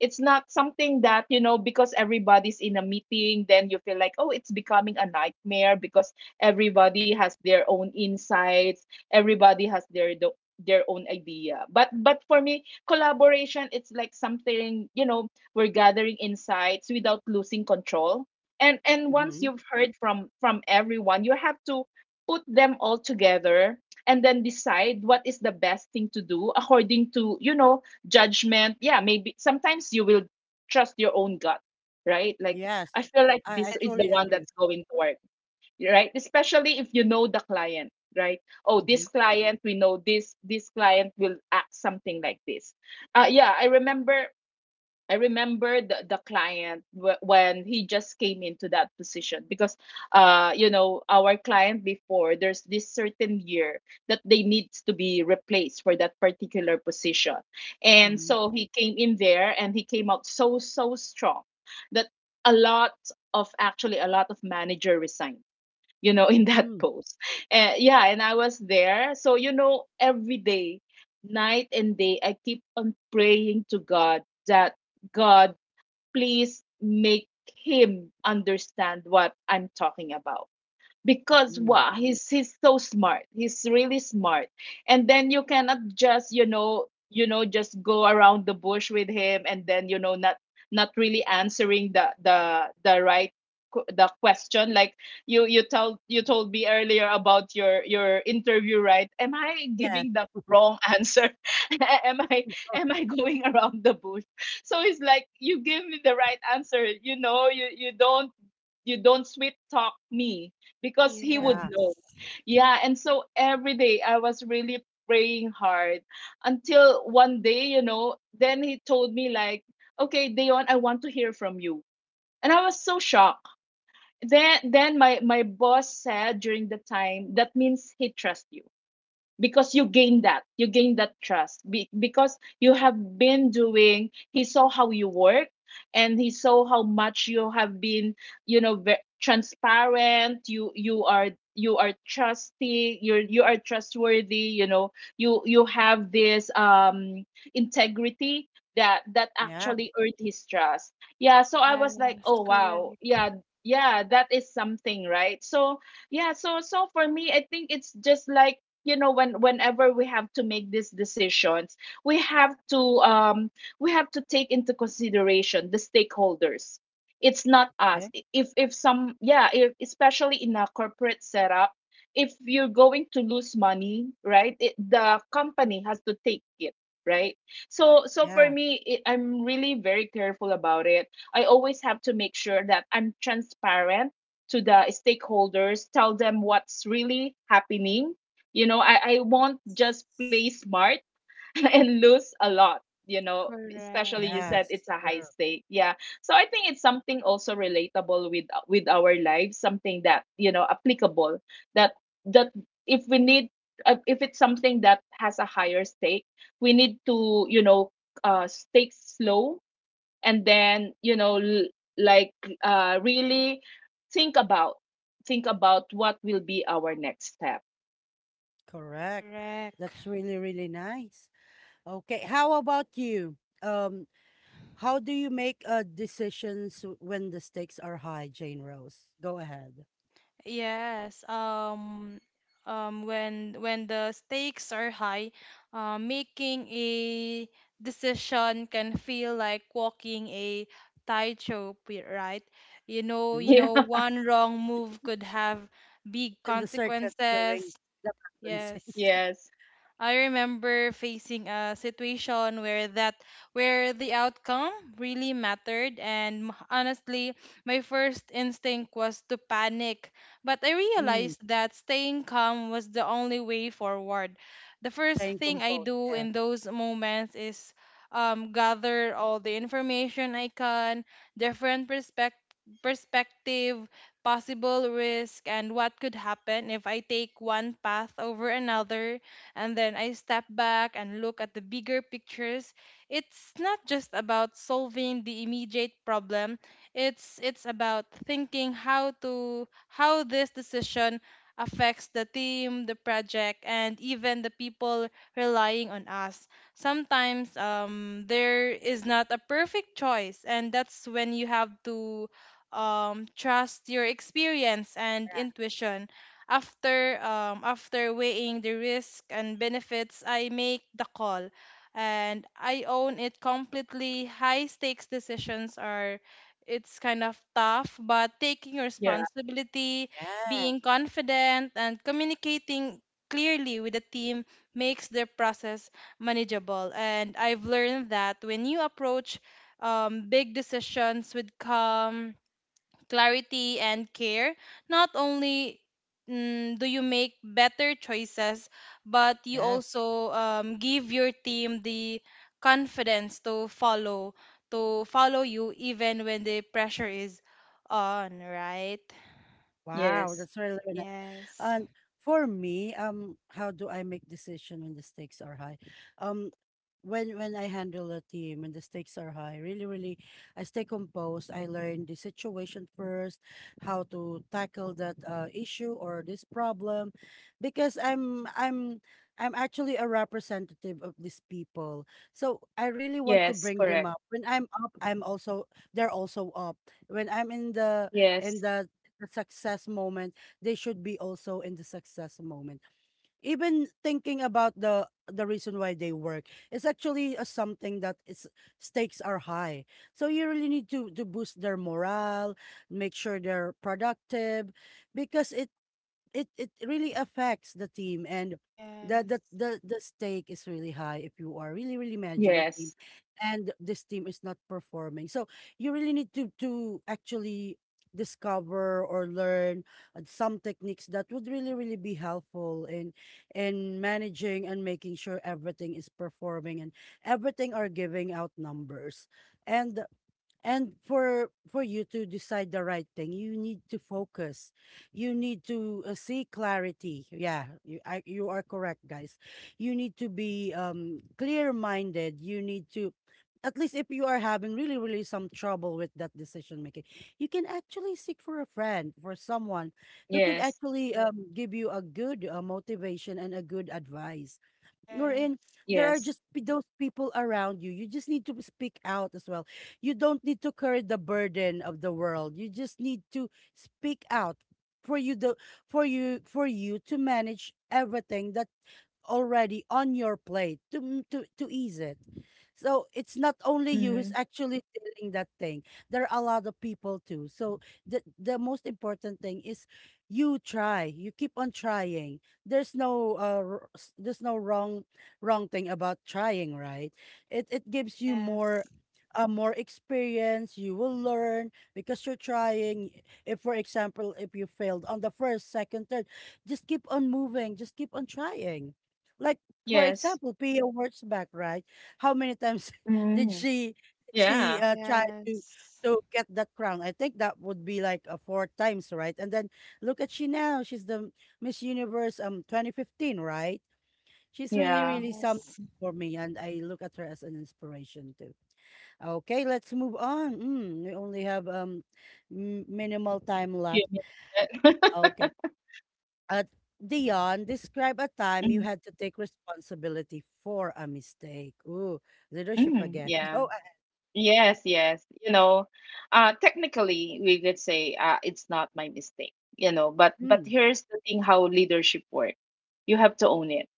S2: It's not something that, because everybody's in a meeting, then you feel like, oh, it's becoming a nightmare because everybody has their own insights, everybody has their own idea. But for me, collaboration, it's like something, we're gathering insights without losing control and once
S1: Mhm.
S2: you've heard from everyone you have to put them all together and then decide what is the best thing to do according to judgment. Yeah, maybe sometimes you will trust your own gut, right? Like, I
S1: Yes.
S2: feel like
S1: I,
S2: this
S1: I
S2: is the
S1: truly
S2: one that's
S1: agree.
S2: going to work, right? Especially if you know the client, right? Oh,
S1: Mhm,
S2: this client, we know this client will act something like this. Yeah, I remember the client when he just came into that position because, our client before, there's this certain year that they needs to be replaced for that particular position. And
S1: mhm,
S2: so he came in there and he came out so strong that a lot of actually a lot of manager resigned, in that
S1: mm,
S2: post. And yeah, and I was there. So, you know, every day, night and day, I keep on praying to God that God, please make him understand what I'm talking about because
S1: mhm.
S2: wow, he's so smart, he's really smart. And then you cannot just just go around the bush with him and then, you know, not not really answering the right the question. Like, you told me earlier about your interview, right? Am I
S1: Yes,
S2: giving the wrong answer? am i am I going around the bush? So it's like, you give me the right answer, you know, you don't, you don't sweet talk me because he would
S1: yeah,
S2: know.
S3: Yes.
S2: Yeah, and so every day I was really praying hard until one day, you know, then he told me like, "Okay, Dayon, I want to hear from you." And I was so shocked. Then my boss said during the time, "That means he trusts you. Because you gain that trust. Because you have been doing, he saw how you work and he saw how much you have been, you know, transparent, you're, you are trustworthy, you know, you have this integrity that that
S1: yeah,
S2: actually earned his trust." Yeah, so I was like,
S3: Yes,
S2: oh wow,
S3: correct.
S2: yeah, yeah, that is something, right? So yeah, so for me, I think it's just like, you know, whenever we have to make these decisions, we have to um we have to take into consideration the stakeholders. It's not
S1: okay,
S2: us. If some yeah if, Especially in a corporate setup, if you're going to lose money, right, the company has to take it, right? So for
S1: yeah,
S2: me, I'm really very careful about it. I always have to make sure that I'm transparent to the stakeholders, tell them what's really happening. You know, I won't just play smart and lose a lot, you know, especially you
S3: Correct.
S2: said
S1: yes,
S2: it's a
S1: true,
S2: high stake. Yeah. So I think it's something also relatable with our lives, something that, you know, applicable that that if we need, if it's something that has a higher stake, we need to, you know, stake slow and then, you know, like really think about, think about what will be our next step.
S1: correct.
S3: Correct.
S1: That's really, really nice. Okay, how about you? Um, how do you make decisions when the stakes are high, Jane Rose? Go ahead.
S3: Yes, when the stakes are high, making a decision can feel like walking a tightrope, right? You know,
S2: Yeah.
S3: one wrong move could have big
S1: In the circus doing
S3: consequences.
S1: the balancing.
S3: Yes.
S2: Yes.
S3: I remember facing a situation where the outcome really mattered and honestly my first instinct was to panic, but I
S1: Mm,
S3: realized that staying calm was the only way forward. The first
S1: playing
S3: thing I
S1: composed.
S3: do
S1: Yes.
S3: in those moments is gather all the information I can, different perspective, possible risk, and what could happen if I take one path over another. And then I step back and look at the bigger pictures. It's not just about solving the immediate problem. It's about thinking how to how this decision affects the team, the project, and even the people relying on us. Sometimes there is not a perfect choice, and that's when you have to trust your experience and intuition. After after weighing the risk and benefits, I make the call and I own it completely. High stakes decisions are, it's kind of tough, but taking
S2: Yeah.
S3: responsibility,
S1: Yeah.
S3: being confident and communicating clearly with the team makes the process manageable. And I've learned that when you approach big decisions with calm, clarity, and care, not only do you make better choices, but you
S1: Yes.
S3: also give your team the confidence to follow you even when the pressure is on, right?
S1: Wow,
S2: Yes.
S1: that's really very nice.
S3: Yes.
S1: And for me, how do I make decision when the stakes are high? Um, when I handle a team and the stakes are high, really, really, I stay composed. I learn the situation first, how to tackle that issue or this problem, because I'm actually a representative of these people. So I really want to
S2: Yes.
S1: bring
S2: Correct.
S1: them up. When I'm up, I'm also they're also up. When I'm in the
S2: Yes.
S1: in the success moment, they should be also in the success moment. Even thinking about the reason why they work is actually a something that is stakes are high. So you really need to boost their morale, make sure they're productive, because it really affects the team and the the
S3: Yes.
S1: the the stake is really high if you are really really managing a
S2: Yes.
S1: team, and this team is not performing. So you really need to actually discover or learn some techniques that would really really be helpful in managing and making sure everything is performing and everything are giving out numbers, and and for you to decide the right thing, you need to focus. You need to see clarity. Yeah, you are correct, guys. You need to be clear minded. You need to, at least if you are having really really some trouble with that decision making, you can actually seek for a friend, for someone who could
S2: Yes.
S1: actually give you a good motivation and a good advice, wherein
S3: Yes.
S1: there are
S2: Yes.
S1: just those people around you. You just need to speak out as well. You don't need to carry the burden of the world. You just need to speak out for you for you to manage everything that already on your plate to to ease it. So it's not only you who's
S2: Mm.
S1: actually feeling that thing. There are a lot of people too. So the most important thing is you try. You keep on trying. There's no there's no wrong thing about trying, right? It gives you more
S3: Yes.
S1: more experience you will learn because you're trying. If for example if you failed on the first second third, just keep on moving, just keep on trying. Like for
S2: Yes.
S1: example, Pia Wurtzbach, right? How many times did
S2: Mm.
S1: she
S2: Yeah.
S1: try
S3: Yes.
S1: to get that crown? I think that would be like four times, right? And then look at she now. She's the Miss Universe 2015, right? She's really
S2: Yeah.
S1: really
S3: Yes.
S1: something for me, and I look at her as an inspiration too. Okay, let's move on. Mm, we only have minimal time
S2: Few
S1: left.
S2: minutes.
S1: Okay. Uh, Dion, describe a time you
S2: Mm.
S1: had to take responsibility for a mistake. Ooh, leadership
S2: Mm.
S1: again.
S2: Yeah.
S1: Go ahead.
S2: Yes. Yes. You know, technically we could say, it's not my mistake. You know, but
S1: Mm,
S2: here's the thing: how leadership works. You have to own it.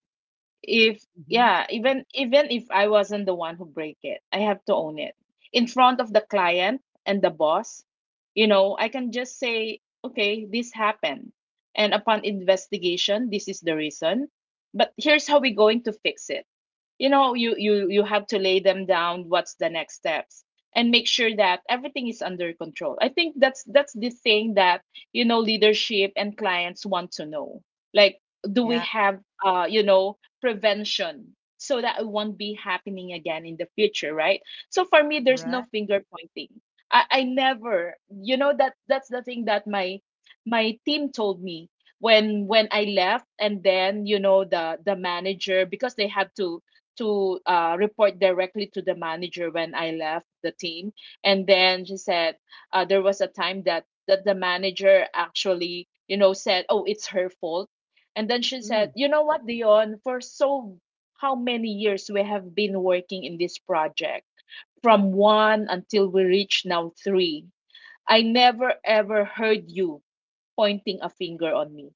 S2: If
S1: hmm.
S2: yeah Even even if I wasn't the one who break it, I have to own it in front of the client and the boss. You know, I can just say, okay, this happened, and upon investigation, this is the reason, but here's how we're going to fix it. You know, you have to lay them down what's the next steps and make sure that everything is under control. I think that's the thing that, you know, leadership and clients want to know. Like, do we
S1: Yeah,
S2: have, you know, prevention so that it won't be happening again in the future, right? So for me, there's no
S1: right.
S2: finger pointing. I never You know, that that's the thing that my team told me when I left, and then, you know, the manager, because they had to report directly to the manager when I left the team. And then she said, there was a time that, that the manager actually, you know, said, oh, it's her fault. And then she
S1: Mm,
S2: said, you know what, Dion, for so how many years we have been working in this project, from one until we reach now three. I never ever heard you pointing a finger on me,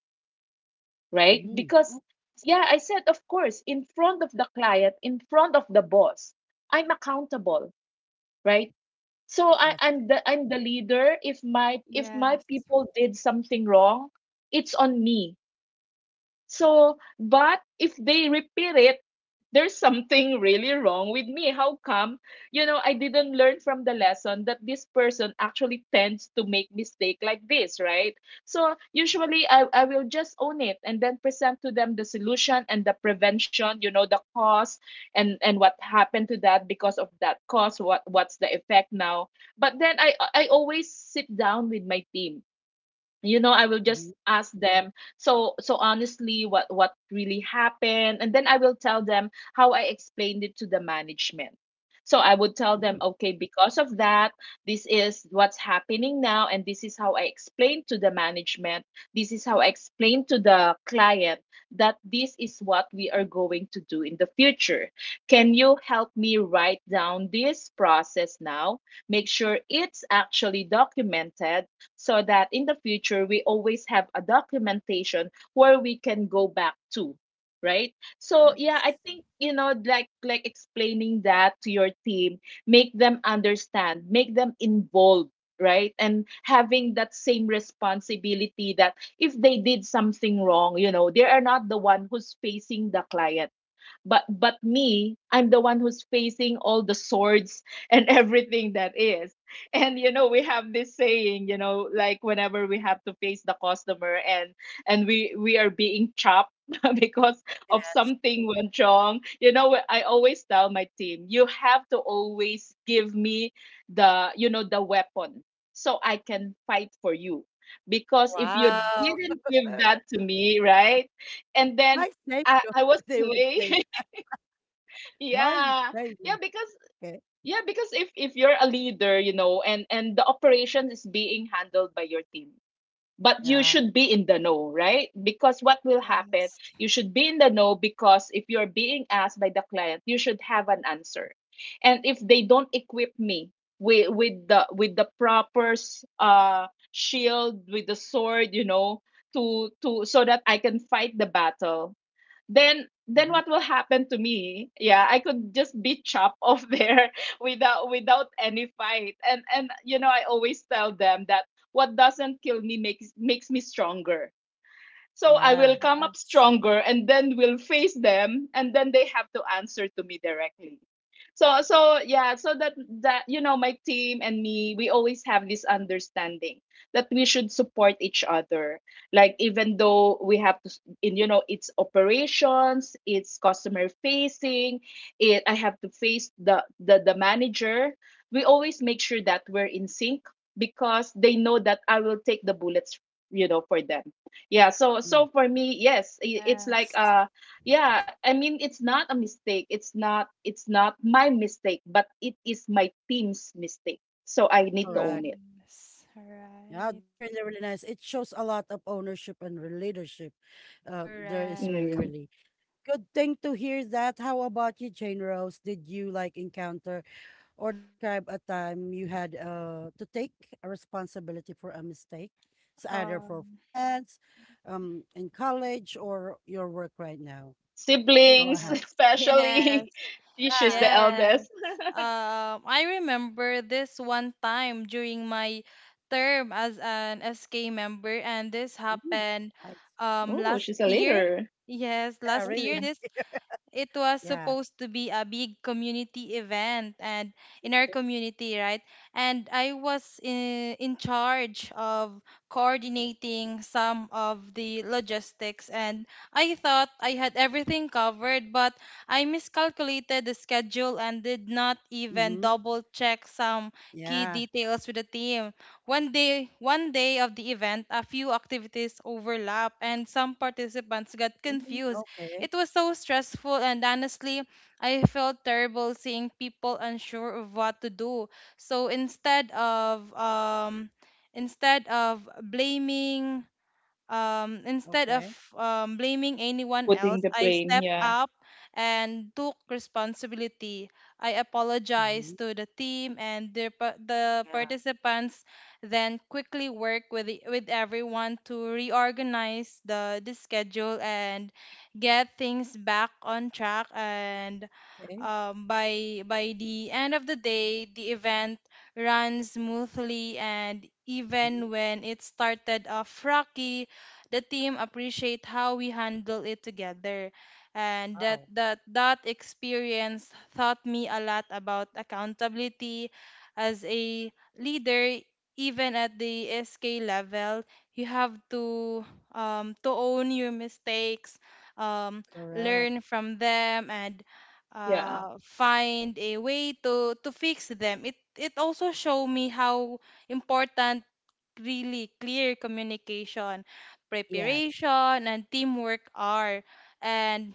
S2: right?
S1: mm,
S2: Because,
S1: oh,
S2: yeah, I said, of course, in front of the client, in front of the boss, I'm accountable, right? So I,
S1: yes.
S2: I'm the leader. If my
S3: Yes.
S2: people did something wrong, it's on me. So, but if they repeat it, there's something really wrong with me. How come, you know, I didn't learn from the lesson that this person actually tends to make mistake like this, right? So usually I will just own it and then present to them the solution and the prevention, you know, the cause and what happened to that because of that cause, what's the effect now. But then I always sit down with my team. You know, I will just
S1: Hmm.
S2: ask them, so honestly, what really happened, and then I will tell them how I explained it to the management. So I would tell them,
S1: Mm.
S2: okay, because of that, this is what's happening now, and this is how I explained to the management, this is how I explained to the client, that this is what we are going to do in the future. Can you help me write down this process now, make sure it's actually documented, so that in the future we always have a documentation where we can go back to, right? So yeah,
S3: Yes.
S2: I think, you know, like explaining that to your team, make them understand, make them involved, right? And having that same responsibility, that if they did something wrong, you know, they are not the one who's facing the client, but me, I'm the one who's facing all the swords and everything that is. And you know, we have this saying, you know, like, when I face the customer and we are being chopped because of something went wrong. You know what, I always tell my team, you have to always give me the, you know, the weapon, so I can fight for you, because if you
S1: Wow.
S2: didn't give that to me, right, and then
S1: My savior,
S2: I was
S1: they would say.
S2: slain.
S1: My
S2: Yeah. Yeah,
S1: savior.
S2: because
S1: Okay.
S2: yeah, because if you're a leader, you know, and the operation is being handled by your team, but you
S1: Yeah.
S2: should be in the know, right? Because what will happen? You should be in the know, because if you're being asked by the client, you should have an answer. And if they don't equip me with the proper shield, with the sword, you know, to so that I can fight the battle, then
S1: Hmm.
S2: what will happen to me? Yeah, I could just be chopped off there without without any fight. And you know, I always tell them that what doesn't kill me makes makes me stronger. So I
S1: Yeah.
S2: will come up
S3: Yes.
S2: stronger, and then will face them, and then they have to answer to me directly. So yeah, so that, that, you know, my team and me, we always have this understanding that we should support each other. Like, even though we have to in, you know, it's operations, it's customer facing, it I have to face the manager, we always make sure that we're in sync, because they know that I will take the bullets, you know, for them. Yeah, so
S1: Mm,
S2: so for me, yes, it's like,
S3: Yes. Yes.
S2: yeah, I mean, it's not a mistake, it's not, it's not my mistake, but it is my team's mistake, so I need to own
S1: correct.
S2: it.
S3: Yes,
S1: Yeah,
S3: right.
S1: that's really, really nice. It shows a lot of ownership and leadership. There is really,
S3: Correct.
S2: Mm.
S1: really good thing to hear that. How about you, Jane Rose? Did you like encounter or describe a time you had to take a responsibility for a mistake? It's either for
S3: Um,
S1: friends, in college or your work right now.
S3: yes,
S1: Go
S2: Siblings
S1: ahead.
S3: yes,
S2: especially. She, she's
S1: Yeah.
S2: the
S3: yes.
S2: eldest.
S3: I remember this one time during my term as an SK member, and this
S1: Mm,
S3: happened
S1: I,
S2: Oh
S3: last
S2: she's a
S3: year.
S2: leader.
S3: Yes,
S1: yeah,
S3: last
S1: really.
S3: year
S1: Uh,
S3: this it was
S1: yeah.
S3: supposed to be a big community event and in our
S1: Okay.
S3: community, right? And I was in charge of coordinating some of the logistics, and I thought I had everything covered but I miscalculated the schedule and did not even
S1: Mm-hmm.
S3: double check some key
S1: Yeah.
S3: details with the team. One day of the event a few activities overlap and some participants got
S1: Mm,
S3: confused.
S1: okay.
S3: It was so stressful, and honestly, I felt terrible seeing people unsure of what to do. So instead of blaming instead of
S1: Okay.
S3: blaming anyone
S2: Putting
S3: else,
S2: the
S3: I
S2: blame.
S3: stepped
S2: Yeah.
S3: up and took responsibility. I
S1: Mm-hmm.
S3: apologized to the team and the
S1: Yeah.
S3: participants, then quickly work with, with everyone to reorganize the schedule and get things back on track. And
S1: Okay.
S3: by the end of the day, the event ran smoothly, and
S1: Mhm.
S3: even when it started off rocky the team appreciate how we handle it together. And
S1: Wow.
S3: that experience taught me a lot about accountability as a leader. Even at the SK level you have to own your mistakes, um,
S1: Correct.
S3: learn from them, and
S2: Yeah.
S3: find a way to fix them. It also showed me how important really clear communication,
S1: Yes.
S3: preparation, and teamwork are. And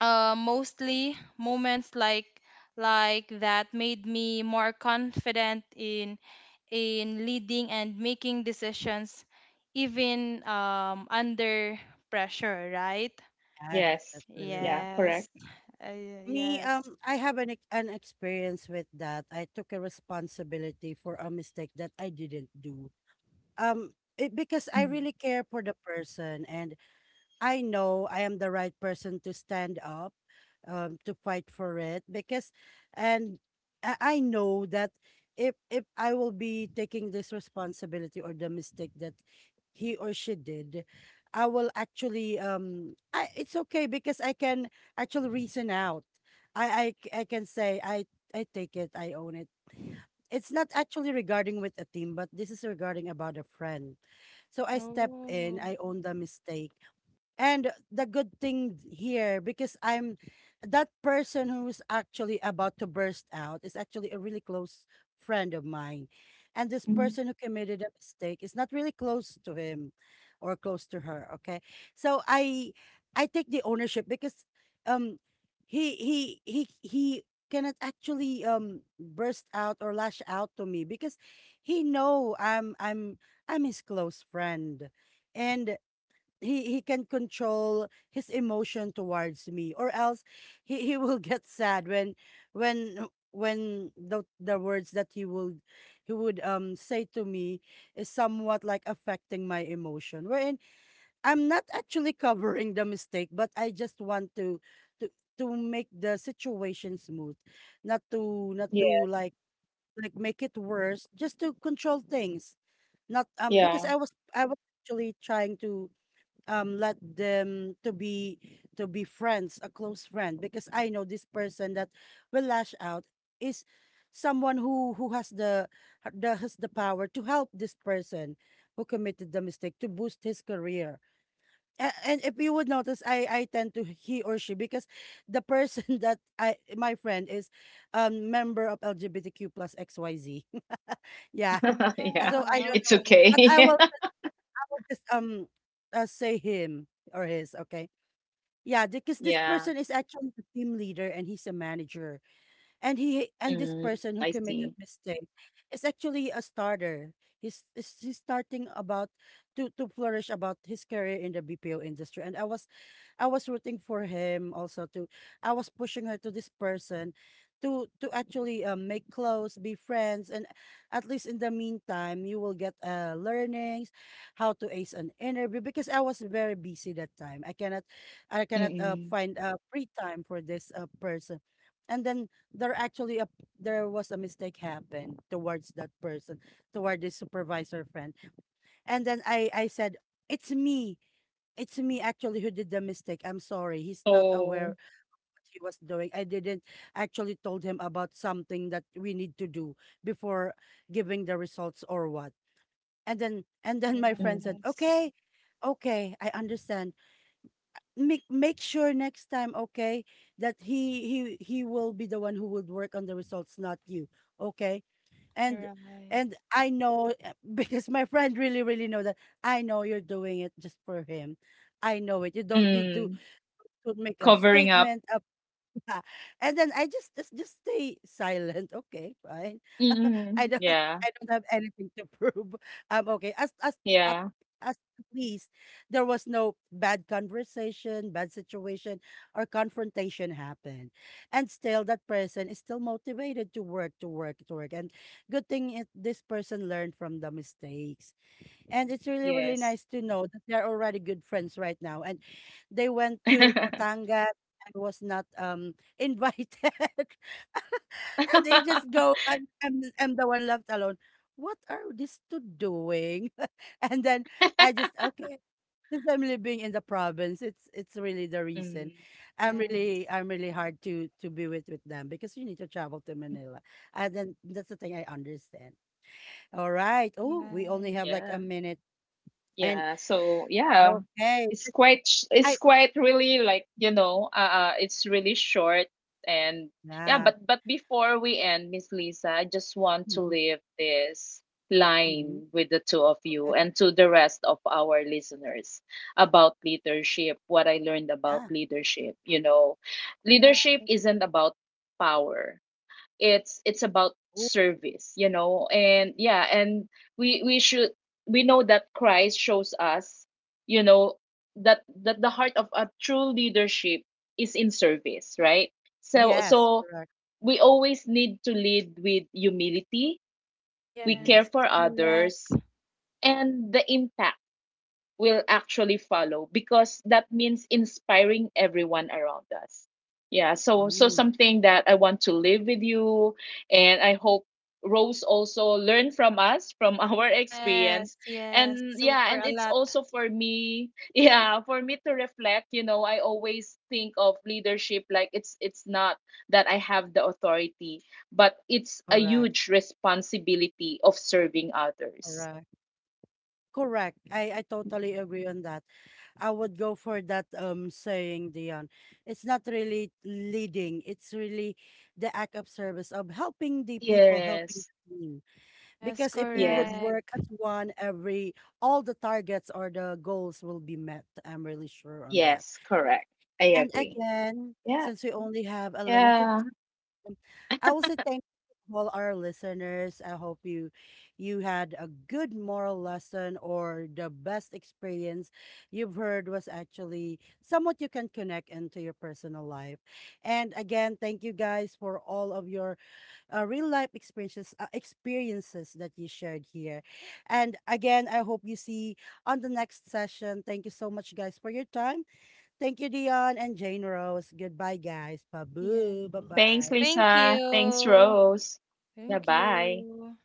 S3: mostly moments like that made me more confident in leading and making decisions even under pressure, right?
S1: Yes.
S2: Yes.
S1: That's really, really
S2: Yeah. Correct.
S3: Yes.
S1: me,
S3: Yes.
S1: I have an an experience with that. I took a responsibility for a mistake that I didn't do. It, because I
S2: Mm.
S1: really care for the person, and I know I am the right person to stand up, to fight for it because, and I know that if I will be taking this responsibility or the mistake that he or she did, I will actually I it's okay because I can actually reason out. I can say I take it, I own it. It's not actually regarding with a team, but this is regarding about a friend. So I step in,
S3: Oh.
S1: I own the mistake, and the good thing here, because I'm that person who's actually about to burst out, is actually a really close friend of mine. And this
S2: Mm.
S1: person who committed a mistake is not really close to him or close to her. Okay. So I take the ownership because um he cannot actually burst out or lash out to me because he know I'm I'm his close friend. And he can control his emotion towards me, or else he will get sad when when the words that he would say to me is somewhat like affecting my emotion, wherein I'm not actually covering the mistake, but I just want to to make the situation smooth, not to
S2: Yes.
S1: like make it worse, just to control things. Not because
S2: Yeah.
S1: I was actually trying to let them to be friends, a close friend, because I know this person that will lash out is someone who has the has the power to help this person who committed the mistake to boost his career. And if you would notice, I tend to he or she because the person that I my friend is member of LGBTQ plus XYZ yeah
S2: Yeah,
S1: so I
S3: Ah,
S1: don't
S2: it's
S1: know
S3: okay.
S1: but i
S2: okay.
S1: will will just say him or his, okay? Yeah, because this
S2: Yeah.
S1: person is actually the team leader and he's a manager. And he and this
S2: Mm,
S1: person
S2: I
S1: who committed
S2: see.
S1: mistake is actually a starter. He's starting about to flourish about his career in the BPO industry. And I was rooting for him also to. I was pushing her to this person to actually make clothes, be friends, and at least in the meantime you will get learnings how to ace an interview, because I was very busy that time. I cannot
S2: Mm-mm.
S1: find free time for this person. And then there actually a, there was a mistake happened towards that person, toward this supervisor friend. And then I said, "It's me. It's me actually who did the mistake. I'm sorry. He's not
S2: Oh.
S1: aware what he was doing. I didn't actually told him about something that we need to do before giving the results or what." And then my friend
S2: Mm.
S1: said,
S3: Yes.
S1: "Okay, okay, I understand. Make make sure next time, okay, that he will be the one who would work on the results, not you. Okay?"
S3: You're
S1: And
S3: right.
S1: and I know because my friend really really know that I know you're doing it just for him. I know it. You don't need
S2: Mm.
S1: to make a
S2: Covering up.
S1: statement up yeah. And then I just stay silent. Okay, fine. i
S2: Mm,
S1: don't
S2: yeah.
S1: I don't have anything to prove. Okay, at
S2: Yeah,
S1: as at least there was no bad conversation, bad situation, or confrontation happened, and still that person is still motivated to work to work to work. And good thing it, this person learned from the mistakes, and it's really, really
S2: yes.
S1: nice to know that they're already good friends right now. And they went to Batangas. I was not invited. And they just go and I'm the one left alone. What are these two doing? And then I just okay. Since I'm living in the province, it's really the reason.
S2: Mm,
S1: I'm really
S3: Yes.
S1: I'm really hard to be with them because you need to travel to Manila, and then that's the thing I understand. All right. Oh, we only
S3: Yes.
S1: have like a
S2: yeah,
S1: minute and
S2: yeah. So yeah,
S1: okay.
S2: it's quite
S1: I
S2: it's quite really like, you know, it's really short and yeah.
S1: yeah.
S2: But before we end, Miss Lisa, I just want to
S1: Mhm,
S2: leave this
S1: mhm.
S2: line with the two of you
S1: Okay.
S2: and to the rest of our listeners about leadership. What I learned about
S1: Yeah.
S2: leadership, you know,
S3: Yeah.
S2: leadership isn't about power, it's about
S1: Ooh,
S2: service, you know. And yeah, and we should, we know that Christ shows us, you know, that that the heart of a true leadership is in service, right? so
S1: yes.
S2: so
S1: Correct.
S2: we always need to lead with humility, we
S1: Mm.
S2: care
S3: Yes,
S2: for
S3: correct.
S2: others, and the impact will actually follow, because that means inspiring everyone around us. Yeah,
S1: Mhm,
S2: so so
S1: mm.
S2: something that I want to live with you, and I hope Rose also learn from us, from our
S3: Yes,
S2: experience.
S3: yes,
S2: And yeah,
S3: super
S2: and
S3: a
S2: it's
S3: lot.
S2: also for me yeah, for me to reflect. You know, I always think of leadership like it's not that I have the authority, but it's a
S1: Correct.
S2: huge responsibility of serving others.
S1: Correct. Correct. I totally agree on that. I would go for that saying, Dion. It's not really leading. It's really the act of service of helping the people, helping
S2: Yes,
S1: the team.
S3: Yes,
S1: Because if you would
S2: yes.
S1: work
S3: correct.
S1: as one, every all the targets or the goals will be met. I'm really sure on that.
S2: Yes, correct. I
S1: And
S2: agree.
S1: again,
S2: Yeah.
S1: since we only have a limited
S2: Yeah.
S1: time, I will say thank you to all our listeners. I hope you you had a good moral lesson or the best experience you've heard was actually somewhat you can connect into your personal life. And again, thank you guys for all of your real life experiences that you shared here. And again, I hope you see on the next session. Thank you so much, guys, for your time. Thank you, Dion and Jane Rose. Goodbye, guys.
S3: Yes.
S1: Pabu. Bye
S2: Thanks,
S1: bye.
S3: Thank
S2: Lisa. Thanks,
S3: you.
S2: Rose. Yeah,
S3: Thank
S2: bye.
S3: you.